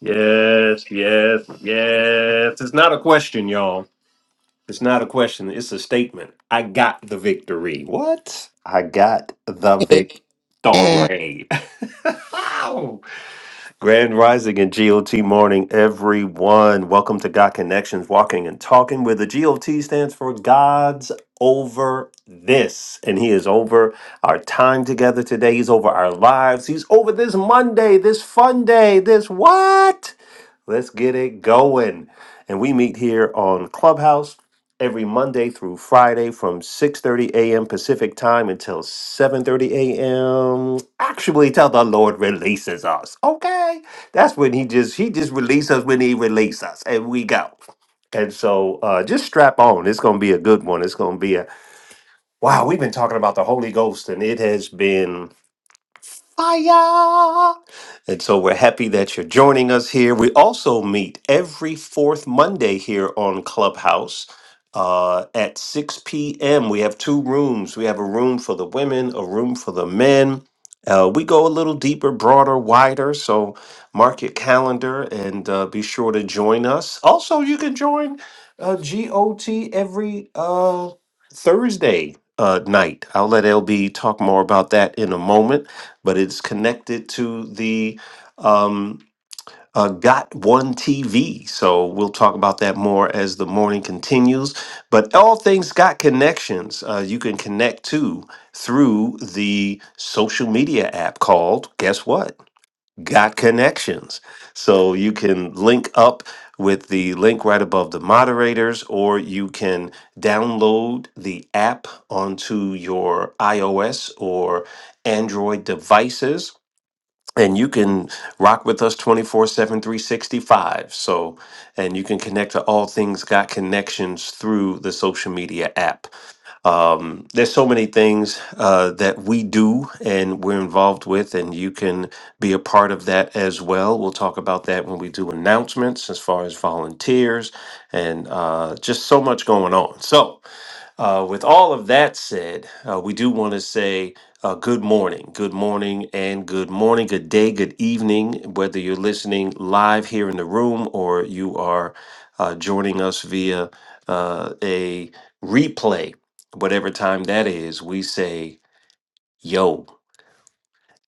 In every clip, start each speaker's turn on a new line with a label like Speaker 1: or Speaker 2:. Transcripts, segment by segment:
Speaker 1: Yes, yes, yes. It's not a question, y'all. It's not a question. It's a statement. I got the victory. What? I got the
Speaker 2: Amen.
Speaker 1: victory. Wow. Grand Rising and GOT morning, everyone. Welcome to God Connections, Walking and Talking, where the GOT stands for God's Over This. And He is over our time together today. He's over our lives. He's over this Monday, this fun day, this what? Let's get it going. And we meet here on Clubhouse every Monday through Friday from 6:30 a.m. Pacific time until 7:30 a.m. Actually, till the Lord releases us. Okay, that's when He just He just releases us when He releases us, and we go. And so, uh, just strap on. It's going to be a good one. It's going to be a wow. We've been talking about the Holy Ghost, and it has been fire. And so we're happy that you're joining us here. We also meet every fourth Monday here on Clubhouse uh, at 6 p.m. We have two rooms. We have a room for the women, a room for the men. Uh, we go a little deeper, broader, wider. So mark your calendar and uh, be sure to join us. Also, you can join uh, GOT every uh, Thursday uh, night. I'll let LB talk more about that in a moment but it's connected to the um, uh, Got One TV. So we'll talk about that more as the morning continues. But all things got connections. Uh, you can connect to through the social media app called, guess what? Got Connections. So you can link up with the link right above the moderators, or you can download the app onto your iOS or Android devices and you can rock with us 24 7 365 so and you can connect to all things got connections through the social media app um, there's so many things uh, that we do and we're involved with, and you can be a part of that as well. We'll talk about that when we do announcements as far as volunteers and uh, just so much going on. So, uh, with all of that said, uh, we do want to say uh, good morning, good morning, and good morning, good day, good evening, whether you're listening live here in the room or you are uh, joining us via uh, a replay whatever time that is, we say, yo,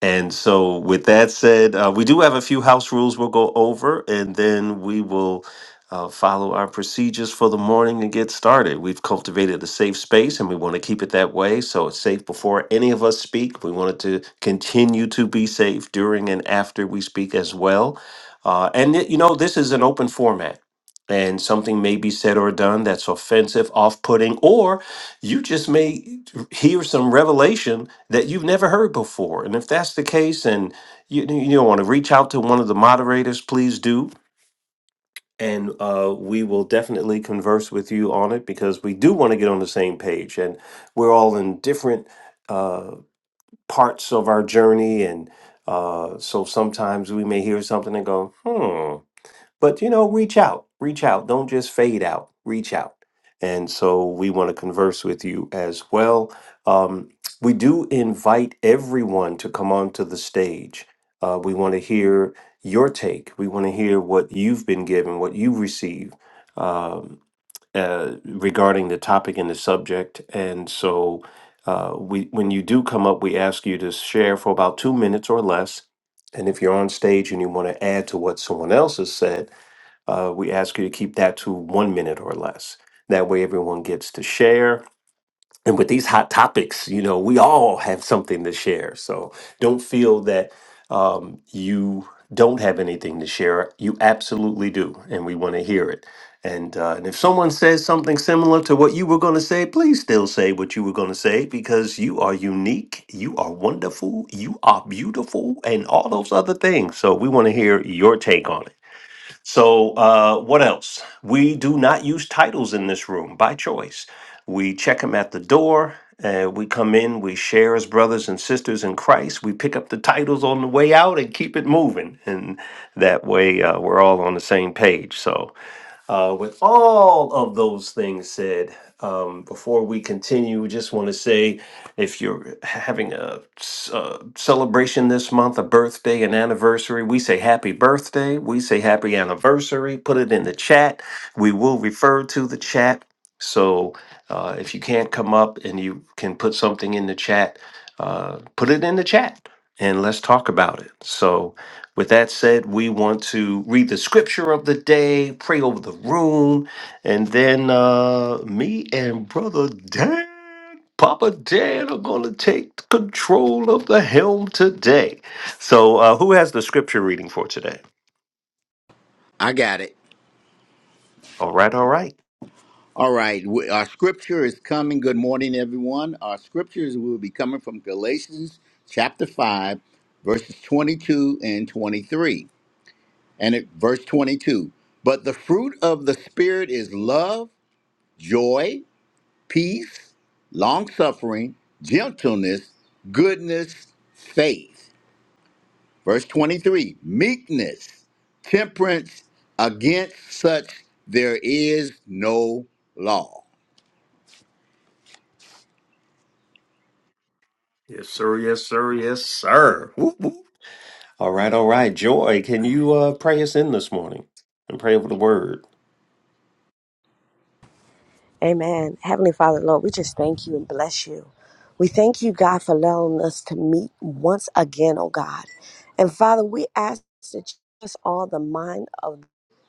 Speaker 1: and so, with that said, uh, we do have a few house rules we'll go over, and then we will uh, follow our procedures for the morning and get started. We've cultivated a safe space, and we want to keep it that way. So, it's safe before any of us speak. We wanted to continue to be safe during and after we speak as well. Uh, and, it- you know, this is an open format. And something may be said or done that's offensive, off putting, or you just may hear some revelation that you've never heard before. And if that's the case, and you you want to reach out to one of the moderators, please do, and uh, we will definitely converse with you on it because we do want to get on the same page, and we're all in different uh, parts of our journey, and uh, so sometimes we may hear something and go, hmm but you know reach out reach out don't just fade out reach out and so we want to converse with you as well um, we do invite everyone to come onto the stage uh, we want to hear your take we want to hear what you've been given what you receive um, uh, regarding the topic and the subject and so uh, we, when you do come up, we ask you to share for about two minutes or less. And if you're on stage and you want to add to what someone else has said, uh, we ask you to keep that to one minute or less. That way, everyone gets to share. And with these hot topics, you know, we all have something to share. So don't feel that um, you don't have anything to share. You absolutely do. And we want to hear it. And, uh, and if someone says something similar to what you were going to say, please still say what you were going to say because you are unique, you are wonderful, you are beautiful, and all those other things. So we want to hear your take on it. So, uh, what else? We do not use titles in this room by choice. We check them at the door. Uh, we come in, we share as brothers and sisters in Christ. We pick up the titles on the way out and keep it moving. And that way, uh, we're all on the same page. So, uh, with all of those things said, um, before we continue, just want to say if you're having a, s- uh celebration this month, a birthday, an anniversary, we say happy birthday. We say happy anniversary. Put it in the chat. We will refer to the chat. So uh, if you can't come up and you can put something in the chat, uh, put it in the chat and let's talk about it. So, with that said, we want to read the scripture of the day, pray over the room, and then uh, me and Brother Dan, Papa Dan, are going to take control of the helm today. So, uh, who has the scripture reading for today?
Speaker 3: I got it.
Speaker 1: All right, all right.
Speaker 3: All right. we- Our scripture is coming. Good morning, everyone. Our scriptures will be coming from Galatians chapter 5, verses 22 and 23. And it, verse 22 But the fruit of the Spirit is love, joy, peace, long suffering, gentleness, goodness, faith. Verse 23 Meekness, temperance, against such there is no law.
Speaker 1: Yes, sir. Yes, sir. Yes, sir. Whoop, whoop. All right, all right. Joy, can you uh, pray us in this morning and pray over the word?
Speaker 4: Amen. Heavenly Father, Lord, we just thank you and bless you. We thank you, God, for allowing us to meet once again, oh God. And Father, we ask that you give us all the mind of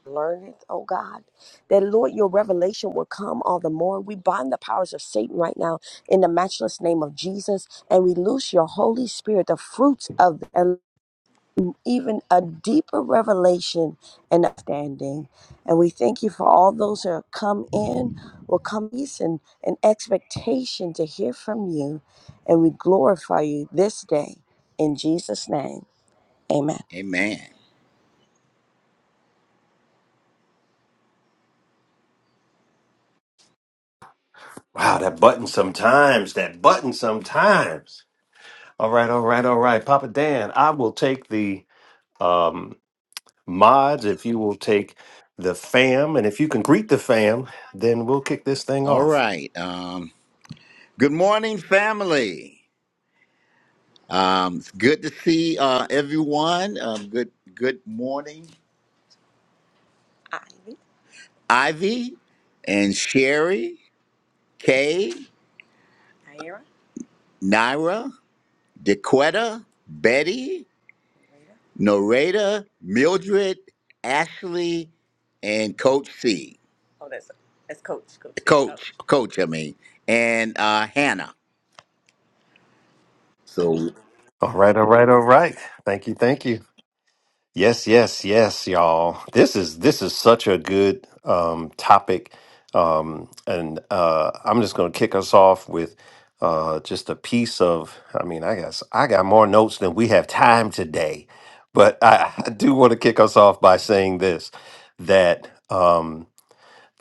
Speaker 4: learning, oh God, that Lord, your revelation will come all the more. We bind the powers of Satan right now in the the matchless name of of. Jesus, and we loose your Holy Spirit, the fruits of the even a deeper revelation and understanding. And we thank you for all those who have come in, will come peace and an expectation to hear from you. And we glorify you this day. In Jesus' name, amen.
Speaker 3: Amen.
Speaker 1: Wow, that button sometimes, that button sometimes. All right, all right, all right. Papa Dan, I will take the um, mods if you will take the fam. And if you can greet the fam, then we'll kick this thing
Speaker 3: All
Speaker 1: off.
Speaker 3: right. Um, good morning, family. Um, it's good to see uh, everyone. Um, good good morning, Ivy and Sherry, Kay, Naira, DeQuetta, Betty, Noreta, Mildred, Ashley, and Coach C. Coach, Coach, I mean, and uh, Hannah. So,
Speaker 1: All right, all right, all right. Thank you, thank you. Yes, yes, yes, y'all. This is this is such a good um, topic, um, and uh, I'm just going to kick us off with uh, just a piece of. I mean, I guess I got more notes than we have time today, but I, I do want to kick us off by saying this: that um,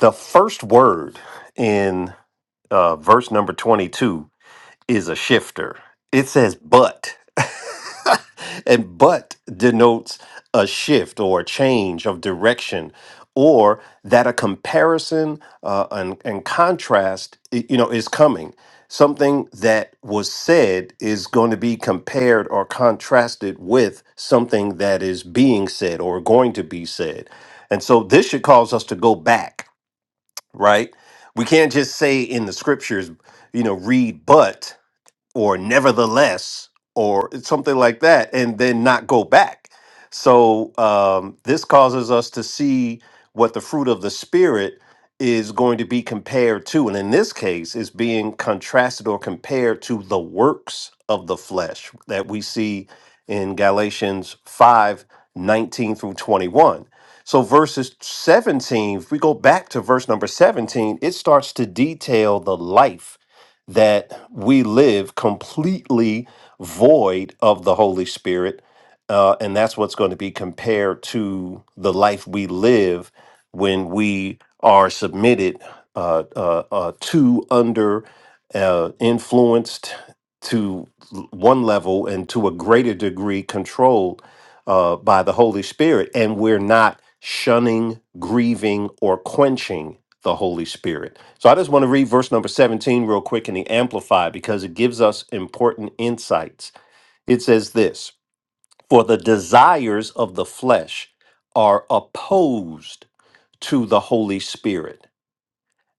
Speaker 1: the first word in uh, verse number 22 is a shifter. It says but. and but denotes a shift or a change of direction or that a comparison uh, and, and contrast i- you know is coming something that was said is going to be compared or contrasted with something that is being said or going to be said and so this should cause us to go back right we can't just say in the scriptures you know read but or nevertheless or something like that and then not go back so um, this causes us to see what the fruit of the spirit is going to be compared to and in this case is being contrasted or compared to the works of the flesh that we see in galatians 5 19 through 21 so verses 17 if we go back to verse number 17 it starts to detail the life that we live completely void of the Holy Spirit. Uh, and that's what's going to be compared to the life we live when we are submitted uh, uh, uh, to, under, uh, influenced to one level and to a greater degree controlled uh, by the Holy Spirit, and we're not shunning, grieving, or quenching the Holy Spirit. So I just want to read verse number 17 real quick in the Amplified because it gives us important insights. It says this For the desires of the flesh are opposed to the Holy Spirit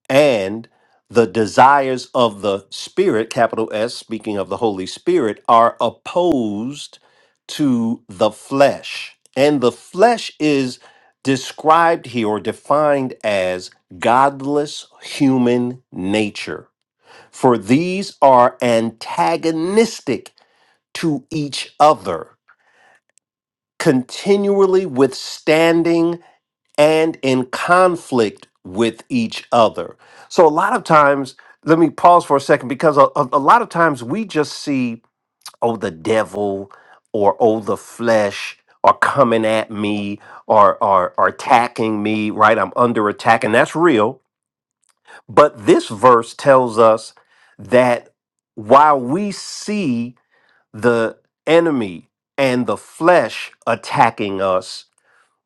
Speaker 1: and the desires of the spirit capital s speaking of the holy spirit are opposed to the flesh and the flesh is described here or defined as godless human nature for these are antagonistic to each other continually withstanding and in conflict with each other. So a lot of times, let me pause for a second because a, a, a lot of times we just see, oh, the devil or oh, the flesh are coming at me or are, are attacking me, right? I'm under attack, and that's real. But this verse tells us that while we see the enemy and the flesh attacking us,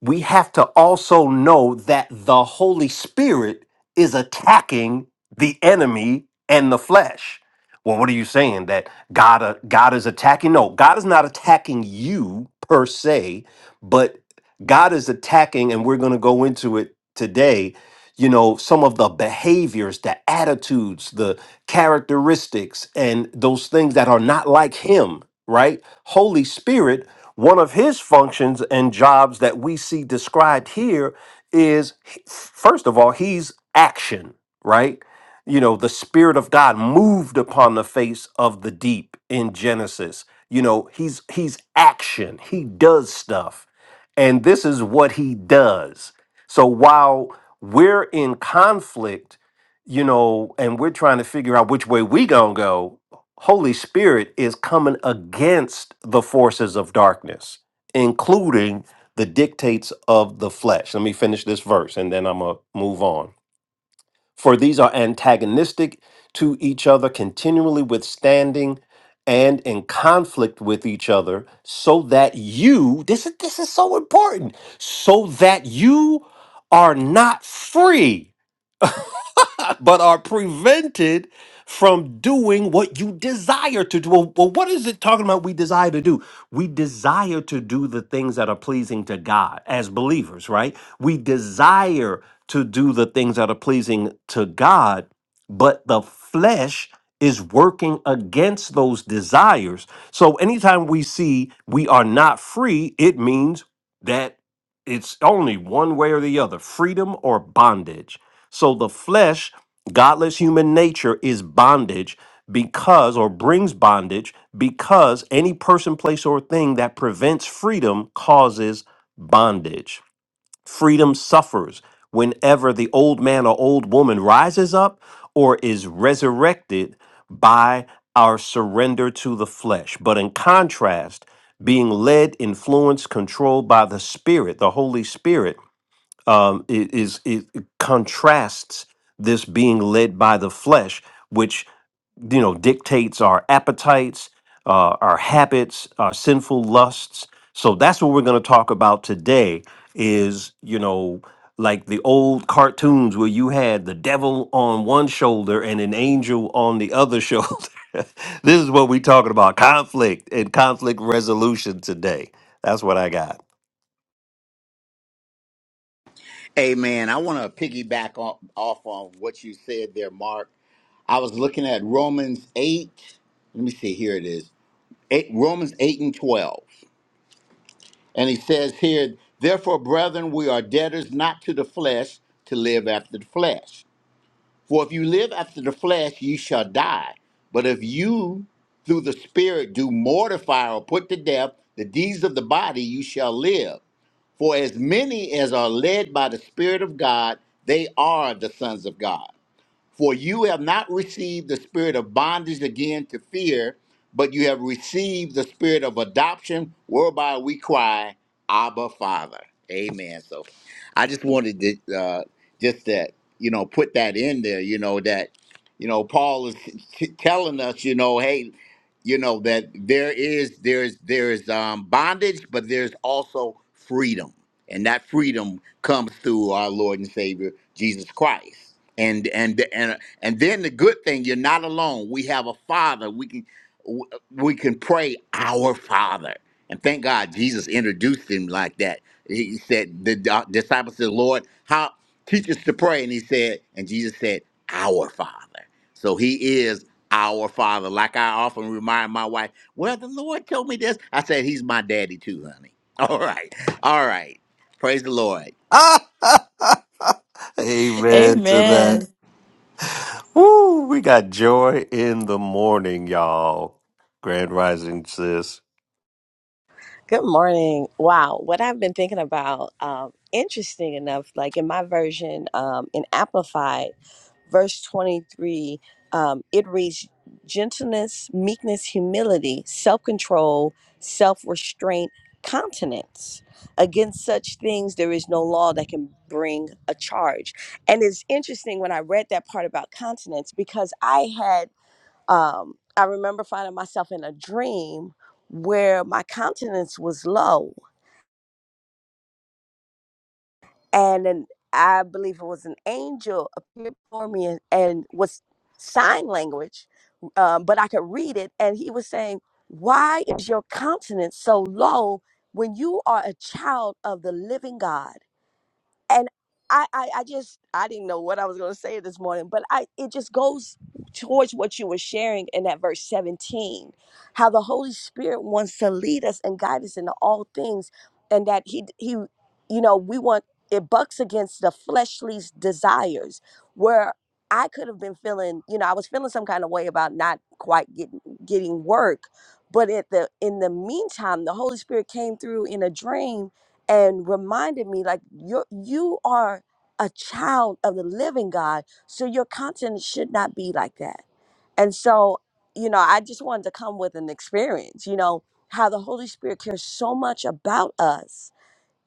Speaker 1: we have to also know that the Holy Spirit is attacking the enemy and the flesh. Well, what are you saying that God uh, God is attacking? No, God is not attacking you per se, but God is attacking and we're going to go into it today, you know, some of the behaviors, the attitudes, the characteristics and those things that are not like him, right? Holy Spirit one of his functions and jobs that we see described here is first of all, he's action, right? You know, the spirit of God moved upon the face of the deep in Genesis. You know, he's he's action. He does stuff. And this is what he does. So while we're in conflict, you know, and we're trying to figure out which way we gonna go, Holy Spirit is coming against the forces of darkness, including the dictates of the flesh. Let me finish this verse and then I'm going to move on. For these are antagonistic to each other, continually withstanding and in conflict with each other, so that you, this is, this is so important, so that you are not free but are prevented from doing what you desire to do. Well, well, what is it talking about we desire to do? We desire to do the things that are pleasing to God as believers, right? We desire to do the things that are pleasing to God, but the flesh is working against those desires. So anytime we see we are not free, it means that it's only one way or the other freedom or bondage. So the flesh Godless human nature is bondage because, or brings bondage because any person, place, or thing that prevents freedom causes bondage. Freedom suffers whenever the old man or old woman rises up or is resurrected by our surrender to the flesh. But in contrast, being led, influenced, controlled by the Spirit, the Holy Spirit, um, it is it contrasts this being led by the flesh, which you know dictates our appetites, uh, our habits, our sinful lusts. So that's what we're going to talk about today. Is you know like the old cartoons where you had the devil on one shoulder and an angel on the other shoulder. this is what we're talking about: conflict and conflict resolution today. That's what I got.
Speaker 3: Amen. I want to piggyback off, off on what you said there, Mark. I was looking at Romans 8. Let me see, here it is. Eight, Romans 8 and 12. And he says here, Therefore, brethren, we are debtors not to the flesh to live after the flesh. For if you live after the flesh, you shall die. But if you, through the Spirit, do mortify or put to death the deeds of the body, you shall live. For as many as are led by the Spirit of God, they are the sons of God. For you have not received the spirit of bondage again to fear, but you have received the spirit of adoption, whereby we cry, Abba, Father. Amen. So I just wanted to uh, just that, you know, put that in there, you know, that, you know, Paul is t- telling us, you know, hey, you know, that there is, there's, there's um, bondage, but there's also freedom and that freedom comes through our Lord and Savior Jesus Christ. And and and and then the good thing, you're not alone. We have a Father. We can we can pray our Father. And thank God Jesus introduced him like that. He said the di- disciples said, "Lord, how teach us to pray?" And he said, and Jesus said, "Our Father." So he is our Father. Like I often remind my wife, "Well, the Lord told me this." I said, "He's my daddy too, honey." All right. All right. Praise the Lord.
Speaker 1: Amen to that.
Speaker 5: Amen.
Speaker 1: Woo, we got joy in the morning, y'all. Grand Rising sis.
Speaker 4: Good morning. Wow, what I've been thinking about, um, interesting enough, like in my version, um, in Amplified, verse 23, um, it reads gentleness, meekness, humility, self control, self restraint, continence. Against such things, there is no law that can bring a charge. And it's interesting when I read that part about continence because I had um, I remember finding myself in a dream where my countenance was low, and then I believe it was an angel appeared before me and, and was sign language, um, but I could read it, and he was saying, "Why is your countenance so low when you are a child of the living God?" and I, I i just i didn't know what i was going to say this morning but i it just goes towards what you were sharing in that verse 17 how the holy spirit wants to lead us and guide us into all things and that he he you know we want it bucks against the fleshly desires where i could have been feeling you know i was feeling some kind of way about not quite getting getting work but at the in the meantime the holy spirit came through in a dream and reminded me like you you are a child of the living God, so your conscience should not be like that. And so, you know, I just wanted to come with an experience, you know, how the Holy Spirit cares so much about us.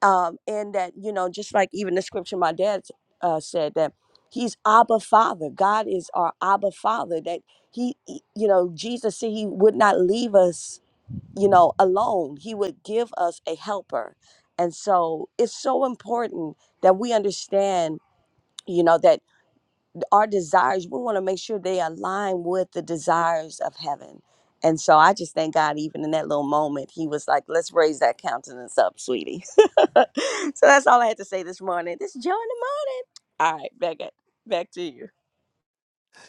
Speaker 4: Um, and that, you know, just like even the scripture my dad uh, said that he's Abba Father. God is our Abba Father, that he, he- you know, Jesus said he would not leave us you know, alone. He would give us a helper. And so it's so important that we understand, you know, that our desires, we want to make sure they align with the desires of heaven. And so I just thank God, even in that little moment, he was like, let's raise that countenance up, sweetie. so that's all I had to say this morning. This is Joe in the morning. All right, back, at, back to you.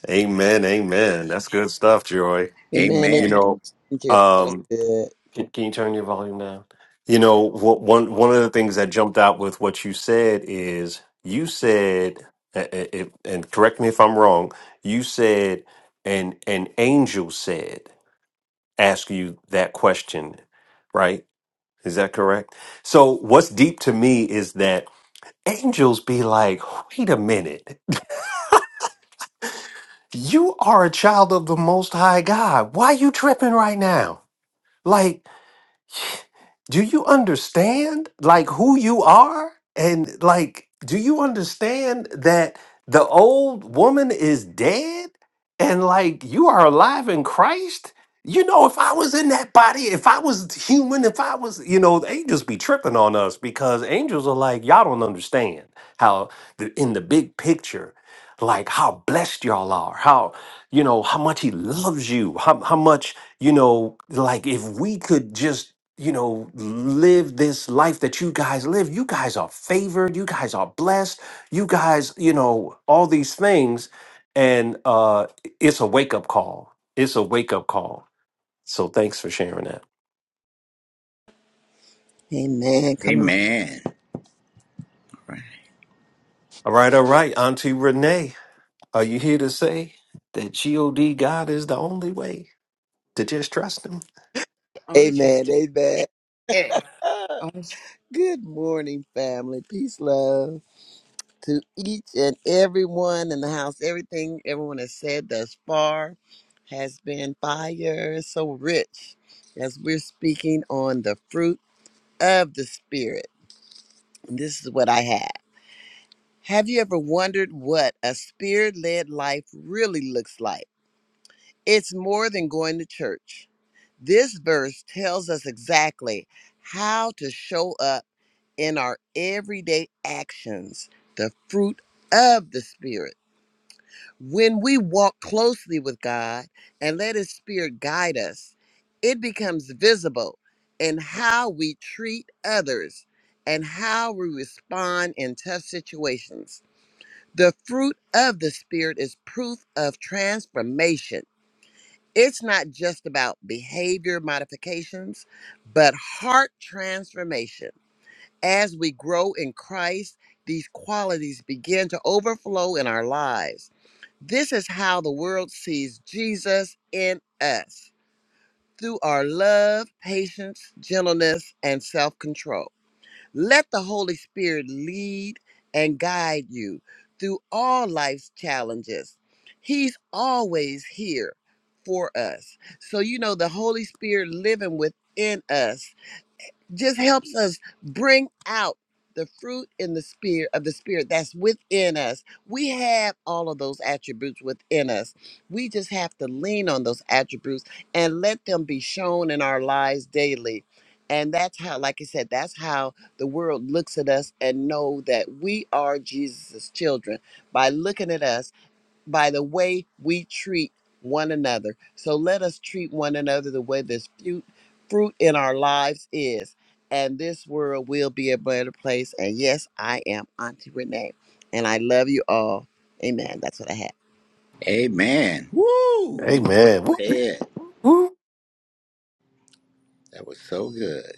Speaker 1: Amen, amen. That's good stuff, Joy.
Speaker 2: Amen. Amen.
Speaker 1: You
Speaker 3: Amen.
Speaker 1: know,
Speaker 2: Dear, that was
Speaker 1: um,
Speaker 2: good.
Speaker 1: can, can you turn your volume down? You know, what, one one of the things that jumped out with what you said is you said, a- a- if- and correct me if I'm wrong. You said, and an angel said, ask you that question, right? Is that correct? So, what's deep to me is that angels be like, wait a minute, you are a child of the Most High God. Why you tripping right now? Like, do you understand like who you are and like do you understand that the old woman is dead and like you are alive in christ you know if i was in that body if i was human if i was you know the angels be tripping on us because angels are like y'all don't understand how the, in the big picture like how blessed y'all are how you know how much he loves you how, how much you know like if we could just you know, live this life that you guys live. You guys are favored. You guys are blessed. You guys, you know, all these things. And uh, it's a wake up call. It's a wake up call. So thanks for sharing that.
Speaker 2: Amen. Come on.
Speaker 3: Amen.
Speaker 1: All right, all right. Auntie Renee, are you here to say that God God is the only way to just trust Him?
Speaker 6: Only trust
Speaker 2: Amen.
Speaker 6: him.
Speaker 2: Amen.
Speaker 6: Yeah.
Speaker 2: Ah,
Speaker 6: Only tr-
Speaker 2: good morning, family. Peace, love to each and everyone in the house. Everything everyone has said thus far has been fire so rich as we're speaking on the fruit of the Spirit. And this is what I had. Have you ever wondered what a spirit led life really looks like? It's more than going to church. This verse tells us exactly how to show up in our everyday actions, the fruit of the Spirit. When we walk closely with God and let His Spirit guide us, it becomes visible in how we treat others and how we respond in tough situations. The fruit of the Spirit is proof of transformation it's not just about behavior modifications, but heart transformation. As we grow in Christ, these qualities begin to overflow in our lives. This is how the world sees Jesus in us through our love, patience, gentleness, and self control. Let the Holy Spirit lead and guide you through all life's challenges. He's always here for us. So, you know, the Holy Spirit living within us just helps us bring out the fruit in the spirit of the spirit that's within us. We have all of those attributes within us. We just have to lean on those attributes and let them be shown in our lives daily. And that's how, like I said, that's how the world looks at us and know that we are Jesus's children by looking at us by the way we treat one another. So let us treat one another the way this fruit, fruit in our lives is. And this world will be a better place. And yes, I am Auntie Renee. And I love you all. Amen. That's what I have.
Speaker 3: Amen. Woo!
Speaker 1: Amen.
Speaker 3: Go
Speaker 1: Whoop, whoop,
Speaker 3: ahead.
Speaker 1: whoop.
Speaker 3: That was so good.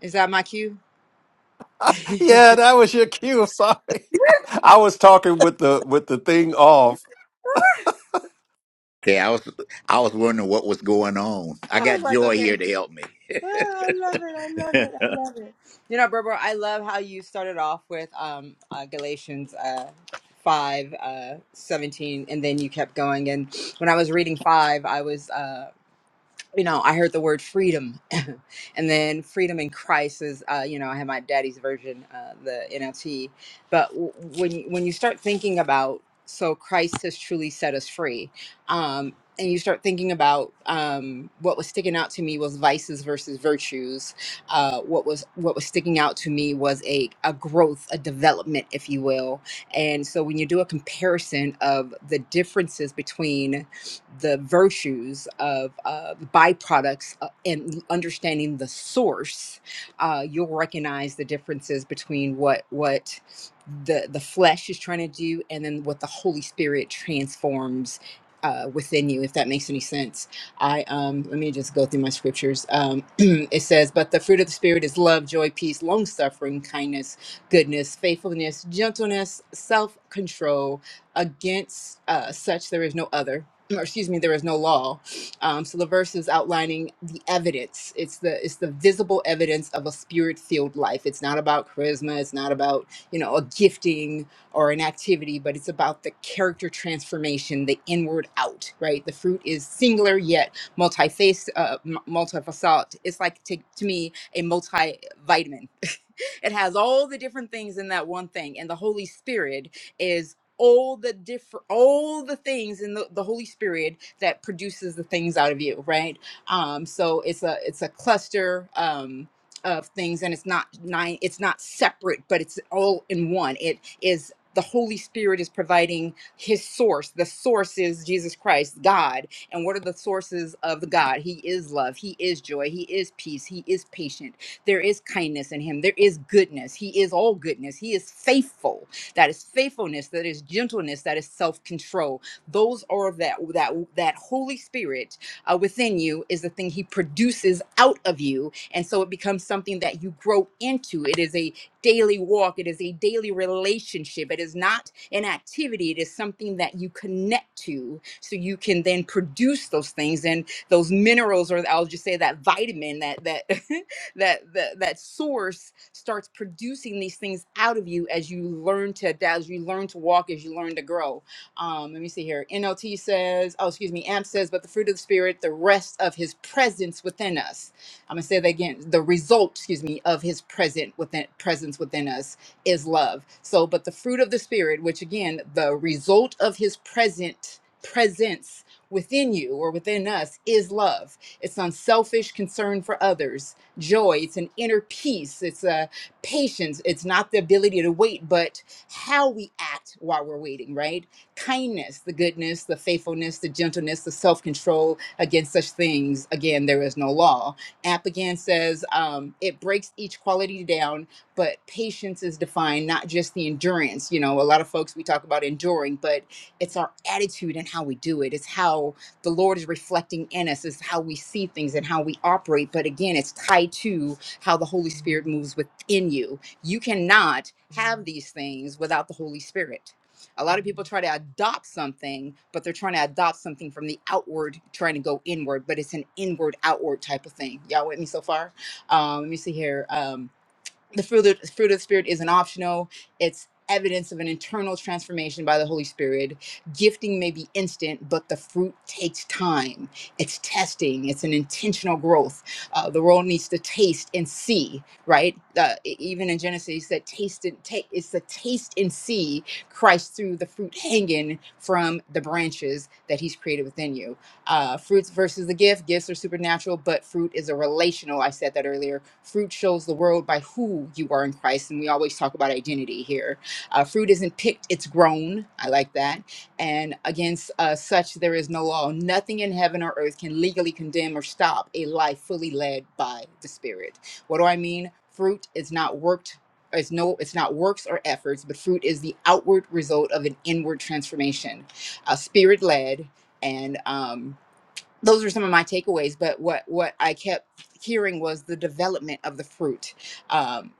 Speaker 6: Is that my cue? I
Speaker 1: Yeah, that was your cue. Sorry, I was talking with the with the thing off.
Speaker 3: Okay, I was I was wondering what was going on. I
Speaker 6: was
Speaker 3: got
Speaker 6: like,
Speaker 3: Joy
Speaker 6: okay.
Speaker 3: here to help me.
Speaker 6: Oh, I love it. I love it. I love it. You know, Berber, I love how you started off with um, uh, Galatians uh, 5 uh, 17, and then you kept going. And when I was reading 5, I was. uh, you know, I heard the word freedom, and then freedom in Christ is, uh, you know, I have my daddy's version, uh, the NLT. But w- when you, when you start thinking about, so Christ has truly set us free, um, and you start thinking about um, what was sticking out to me was vices versus virtues. Uh, what was what was sticking out to me was a a growth, a development, if you will. And so when you do a comparison of the differences between the virtues of uh, the byproducts uh, and understanding the source, uh, you'll recognize the differences between what what the the flesh is trying to do and then what the Holy Spirit transforms. Uh, within you, if that makes any sense, I um, let me just go through my scriptures. Um, it says, "But the fruit of the spirit is love, joy, peace, long suffering, kindness, goodness, faithfulness, gentleness, self control. Against uh, such there is no other." or excuse me, there is no law. Um, so the verse is outlining the evidence. It's the it's the visible evidence of a spirit filled life. It's not about charisma. It's not about you know a gifting or an activity, but it's about the character transformation, the inward out. Right. The fruit is singular yet multi-faced, uh, m- multifaceted. It's like to, to me a multivitamin. it has all the different things in that one thing, and the Holy Spirit all the different all the things in the, the holy spirit that produces the things out of you right um so it's a it's a cluster um of things and it's not nine it's not separate but it's all in one it is the holy spirit is providing his source the source is jesus christ god and what are the sources of the god he is love he is joy he is peace he is patient there is kindness in him there is goodness he is all goodness he is faithful that is faithfulness, that is gentleness, that is self-control. Those are that that that Holy Spirit uh, within you is the thing He produces out of you, and so it becomes something that you grow into. It is a daily walk. It is a daily relationship. It is not an activity. It is something that you connect to, so you can then produce those things and those minerals, or I'll just say that vitamin, that that that that, that source starts producing these things out of you as you learn to adapt, as you learn to walk, as you learn to grow. Um, let me see here. NLT says, oh, excuse me, AMP says, but the fruit of the Spirit, the rest of his presence within us. I'm going to say that again. The result, excuse me, of his present within, presence within us is love. So, but the fruit of the Spirit, which again, the result of his present presence within you or within us is love. It's unselfish concern for others joy, it's an inner peace, it's a patience, it's not the ability to wait, but how we act while we're waiting, right? Kindness, the goodness, the faithfulness, the gentleness, the self control. Against such things, again, there is no law. Appian says um, it breaks each quality down, but patience is defined, not just the endurance. You know, a lot of folks we talk about enduring, but it's our attitude and how we do it. It's how the Lord is reflecting in us is how we see things and how we operate. But again, it's tied to how the Holy Spirit moves within you. You cannot have these things without the Holy Spirit. A lot of people try to adopt something, but they're trying to adopt something from the outward, trying to go inward, but it's an inward outward type of thing. Y'all with me so far? Um, let me see here. Um, the fruit of, fruit of the spirit isn't optional it's evidence of an internal transformation by the holy spirit gifting may be instant but the fruit takes time it's testing it's an intentional growth uh, the world needs to taste and see right uh, e- even in genesis he said taste and take it's the taste and see christ through the fruit hanging from the branches that he's created within you uh, fruits versus the gift. Gifts are supernatural, but fruit is a relational. I said that earlier. Fruit shows the world by who you are in Christ, and we always talk about identity here. Uh, fruit isn't picked; it's grown. I like that. And against uh, such there is no law. Nothing in heaven or earth can legally condemn or stop a life fully led by the Spirit. What do I mean? Fruit is not worked. It's no, it's not works or efforts, but fruit is the outward result of an inward transformation, uh, spirit led, and um, those are some of my takeaways but what what i kept hearing was the development of the fruit um,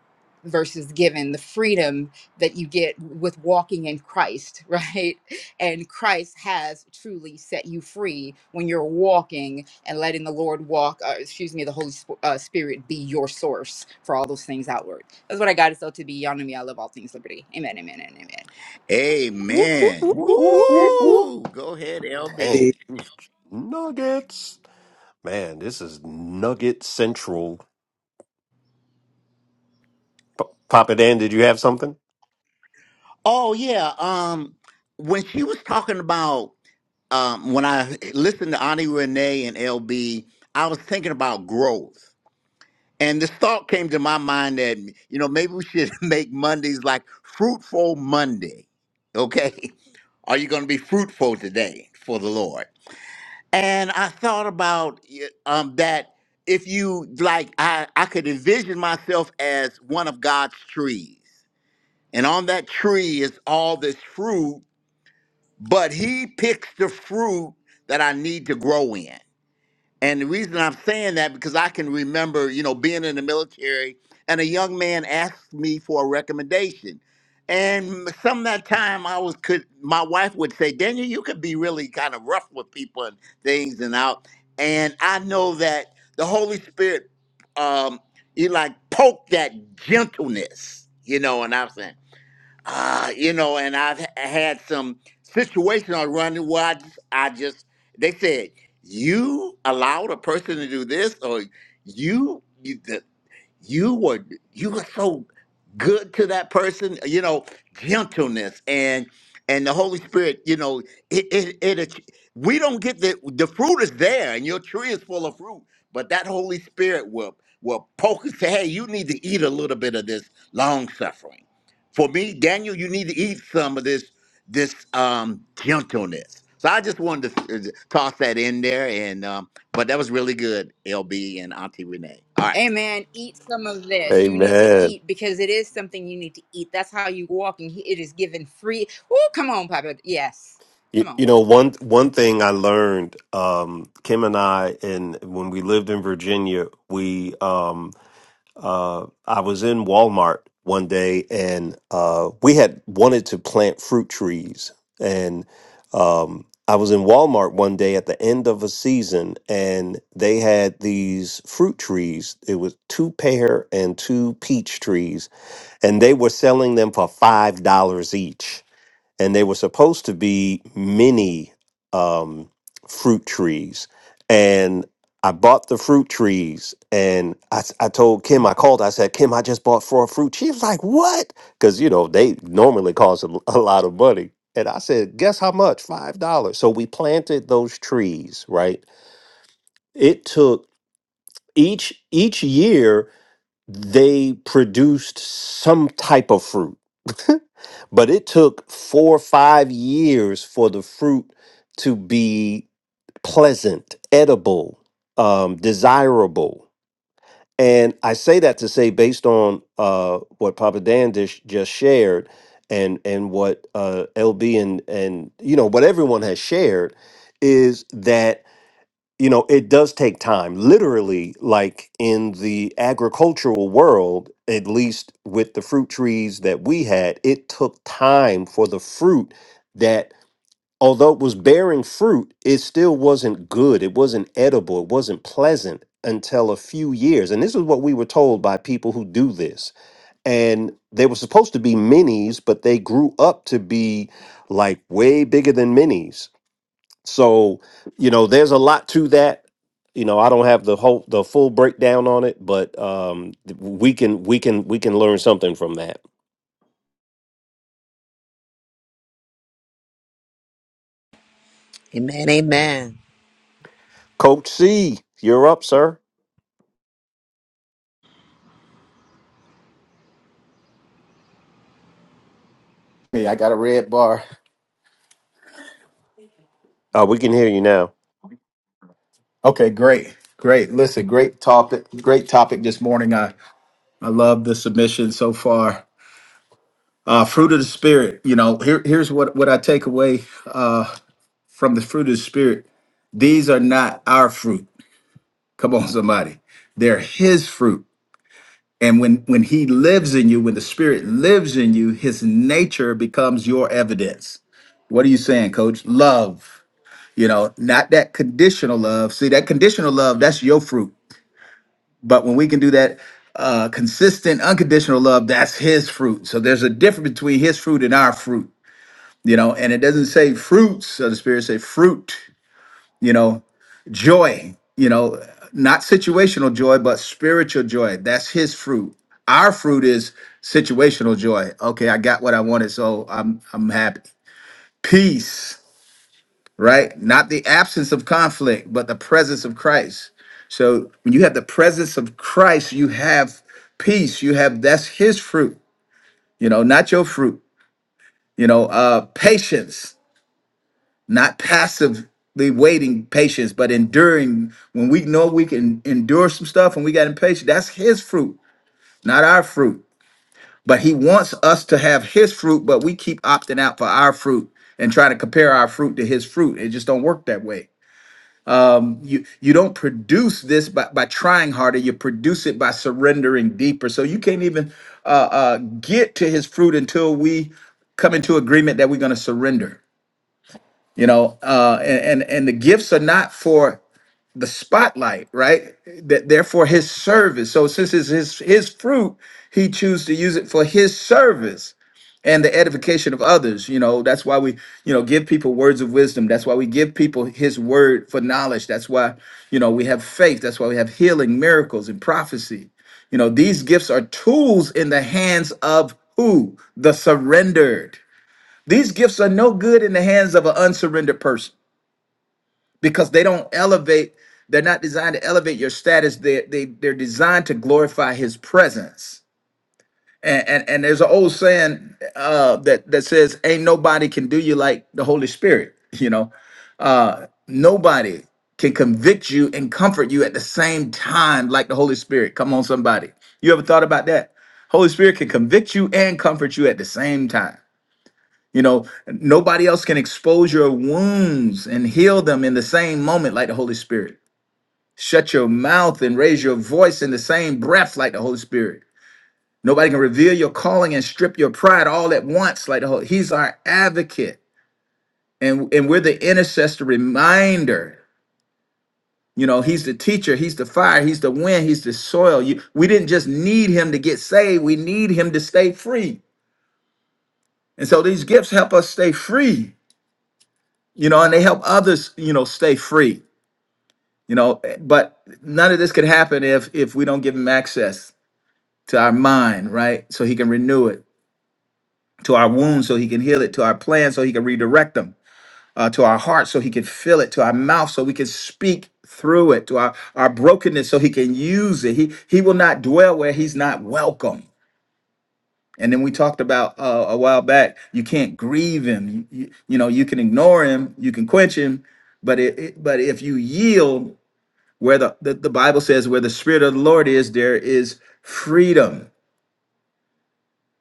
Speaker 6: versus given the freedom that you get with walking in christ right and Christ has truly set you free when you're walking and letting the Lord walk, uh, excuse me, the Holy Sp- uh, Spirit be your source for all those things outward. That's what I got. It's all to be. Y'all know me. I love all things liberty. Amen, amen, and amen.
Speaker 5: Whoop, whoop,
Speaker 3: Amen.
Speaker 5: whoop,
Speaker 1: Whoop,
Speaker 5: whoop,
Speaker 1: whoop,
Speaker 5: whoop,
Speaker 1: whoop,
Speaker 5: whoop, whoop.
Speaker 1: whoop.
Speaker 3: Woo! Go ahead,
Speaker 1: Dang,
Speaker 3: LB.
Speaker 1: these nuggets. Man, this is nugget central. P- Papa Dan, did you have something?
Speaker 3: Oh yeah. Um, when she was talking about um, when I listened to Ani Renee and LB, I was thinking about growth. And this thought came to my mind that, you know, maybe we should make Mondays like Fruitful Monday. Okay. Are you going to be fruitful today for the Lord? And I thought about y- um, that if you like, I, I could envision myself as one of God's trees. And on that tree is all this fruit, but He picks the fruit that I need to grow in. And the reason I'm saying that because I can remember, you know, being in the military and a young man asked me for a recommendation. And some of that time I was could my wife would say, Daniel, you could be really kind of rough with people and things and out. And I know that the Holy Spirit um he like poke that gentleness, you know, and I'm saying uh, you know, and I've h- had some situations on running where I just, I just, they said, you allowed a person to do this, or you, you were you were so good to that person you know gentleness and and the holy spirit you know it it, it, it we don't get the the fruit is there and your tree is full of fruit but that holy spirit will will poke and say hey you need to eat a little bit of this long suffering for me daniel you need to eat some of this this um gentleness so i just wanted to uh, toss that in there and um but that was really good lb and auntie renee all right
Speaker 6: Amen. Eat some of this. You need to
Speaker 1: Amen.
Speaker 6: eat because it is something you need to eat. That's how you walk, and he- it is given free. Oh, come on, Papa. Yes, come
Speaker 1: You,
Speaker 6: on.
Speaker 1: you know one one thing I learned, um, Kim and I, and when we lived in Virginia, we um, Uh, I was in Walmart one day, and uh, we had wanted to plant fruit trees. And um, I was in Walmart one day at the end of a season, and they had these fruit trees. It was two pear and two peach trees, and they were selling them for five dollars each and they were supposed to be mini um, fruit trees. And I bought the fruit trees, and I, s- I told Kim, I called, I said, Kim, I just bought four fruit. She was like, What? Because, you know, they normally cost a, l- a lot of money. And I said, Guess how much? $5. So we planted those trees, right? It took each each year they produced some type of fruit but it took four or five years for the fruit to be pleasant, edible, um, desirable. And I say that to say, based on uh, what Papa Dan dish- just shared, and and what uh, LB and and you know what everyone has shared, is that you know it does take time literally like in the agricultural world at least with the fruit trees that we had it took time for the fruit that although it was bearing fruit it still wasn't good it wasn't edible it wasn't pleasant until a few years and this is what we were told by people who do this and they were supposed to be minis but they grew up to be like way bigger than minis so, you know, there's a lot to that. You know, I don't have the whole the full breakdown on it, but um th- we can we can we can learn something from that.
Speaker 2: Amen. Amen.
Speaker 1: Coach C, you're up, sir.
Speaker 7: Hey, I got a red bar.
Speaker 1: Uh, we can hear you now.
Speaker 7: Okay, great. Great. Listen, great topic. Great topic this morning. I, I love the submission so far. Uh, fruit of the spirit. You know, here, here's what, what I take away uh, from the fruit of the spirit. These are not our fruit. Come on, somebody. They're his fruit. And when, when he lives in you, when the spirit lives in you, his nature becomes your evidence. What are you saying, coach? Love. You know, not that conditional love. See, that conditional love, that's your fruit But when we can do that, uh, consistent, unconditional love, that's his fruit. So there's a difference between his fruit and our fruit, you know, and it doesn't say fruits of the spirit, say fruit, you know, joy, you know, not situational joy, but spiritual joy. That's his fruit. Our fruit is situational joy. Okay, I got what I wanted, so I'm I'm happy. Peace right? Not the absence of conflict, but the presence of Christ. So when you have the presence of Christ, you have peace. You have that's his fruit, you know, not your fruit. You know, uh patience, not passively waiting patience, but enduring. When we know we can endure some stuff and we got impatient, that's his fruit, not our fruit. But he wants us to have his fruit, but we keep opting out for our fruit and trying to compare our fruit to his fruit. It just don't work that way you you don't produce this by, by trying harder you produce it by surrendering deeper so you can't even uh, uh, get to his fruit until we come into agreement that we're going to surrender you know uh, and, and and the gifts are not for the spotlight right that therefore his service so since it's his his fruit he chooses to use it for his service and the edification of others you know that's why we you know give people words of wisdom that's why we give people his word for knowledge that's why you know we have faith that's why we have healing miracles and prophecy you know these gifts are tools in the hands of who the surrendered these gifts are no good in the hands of an unsurrendered person because they don't elevate they're not designed to elevate your status they, they they're designed to glorify his presence and and, and there's an old saying uh, that that says, "Ain't nobody can do you like the Holy Spirit." You know, uh, nobody can convict you and comfort you at the same time like the Holy Spirit. Come on, somebody. You ever thought about that? Holy Spirit can convict you and comfort you at the same time. You know, nobody else can expose your wounds and heal them in the same moment like the Holy Spirit. Shut your mouth and raise your voice in the same breath like the Holy Spirit. Nobody can reveal your calling and strip your pride all at once. Like the whole, he's our advocate, and and we're the intercessor reminder. You know, he's the teacher, he's the fire, he's the wind, he's the soil. You, we didn't just need him to get saved; we need him to stay free. And so these gifts help us stay free. You know, and they help others. You know, stay free. You know, but none of this could happen if if we don't give him access to our mind, right? So he can renew it, to our wounds, so he can heal it, to our plans, so he can redirect them uh, to our heart so he can fill it, to our mouth so we can speak through it, to our, our brokenness so he can use it. He, he will not dwell where he's not welcome. And then we talked about uh, a while back, you can't grieve him. You, you, you know, you can ignore him, you can quench him, but it, it- but if you yield where the, the, the Bible says where the spirit of the Lord is, there is freedom.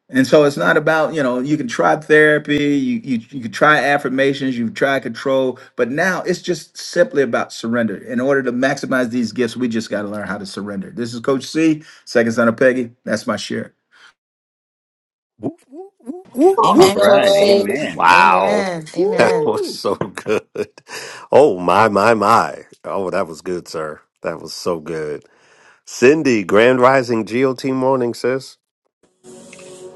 Speaker 7: And so it's not about, you know, you can try therapy, you you you can try affirmations, you try control, but now it's just simply about surrender. In order to maximize these gifts, we just got to learn how to surrender. This is Coach C, second son of Peggy. That's my share.
Speaker 1: Whoop, whoop, whoop, whoop,
Speaker 3: All
Speaker 1: whoop.
Speaker 5: Amen, Coach
Speaker 3: right.
Speaker 5: C.
Speaker 3: Amen.
Speaker 1: Wow.
Speaker 5: Amen.
Speaker 1: That
Speaker 5: Amen.
Speaker 1: was
Speaker 3: Woo.
Speaker 1: so good. Oh my my my. Oh, that was good, sir. That was so good. Cindy, Grand Rising GOT morning, sis.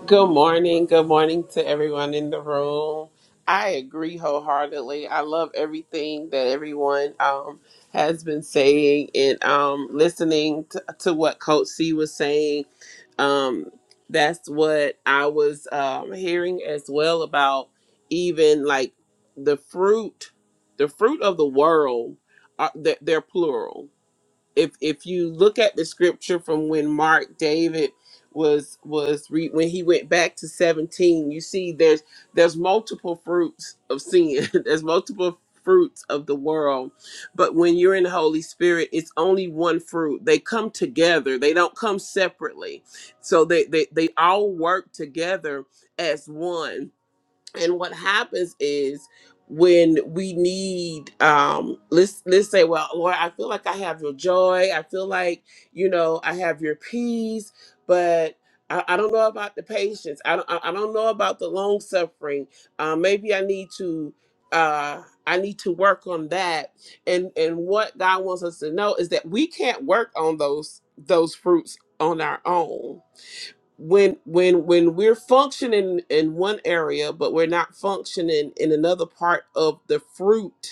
Speaker 8: Good morning. Good morning to everyone in the room. I agree wholeheartedly. I love everything that everyone um, has been saying and um, listening to, to what Coach C was saying. Um, that's what I was um, hearing as well about even like the fruit, the fruit of the world, are, they're, they're plural if if you look at the scripture from when Mark David was was re, when he went back to 17 you see there's there's multiple fruits of sin there's multiple fruits of the world but when you're in the holy spirit it's only one fruit they come together they don't come separately so they they, they all work together as one and what happens is when we need um let's let's say well lord i feel like i have your joy i feel like you know i have your peace but i, I don't know about the patience i don't i I don't know about the long suffering uh, maybe i need to uh i need to work on that and and what god wants us to know is that we can't work on those those fruits on our own when when when we're functioning in one area but we're not functioning in another part of the fruit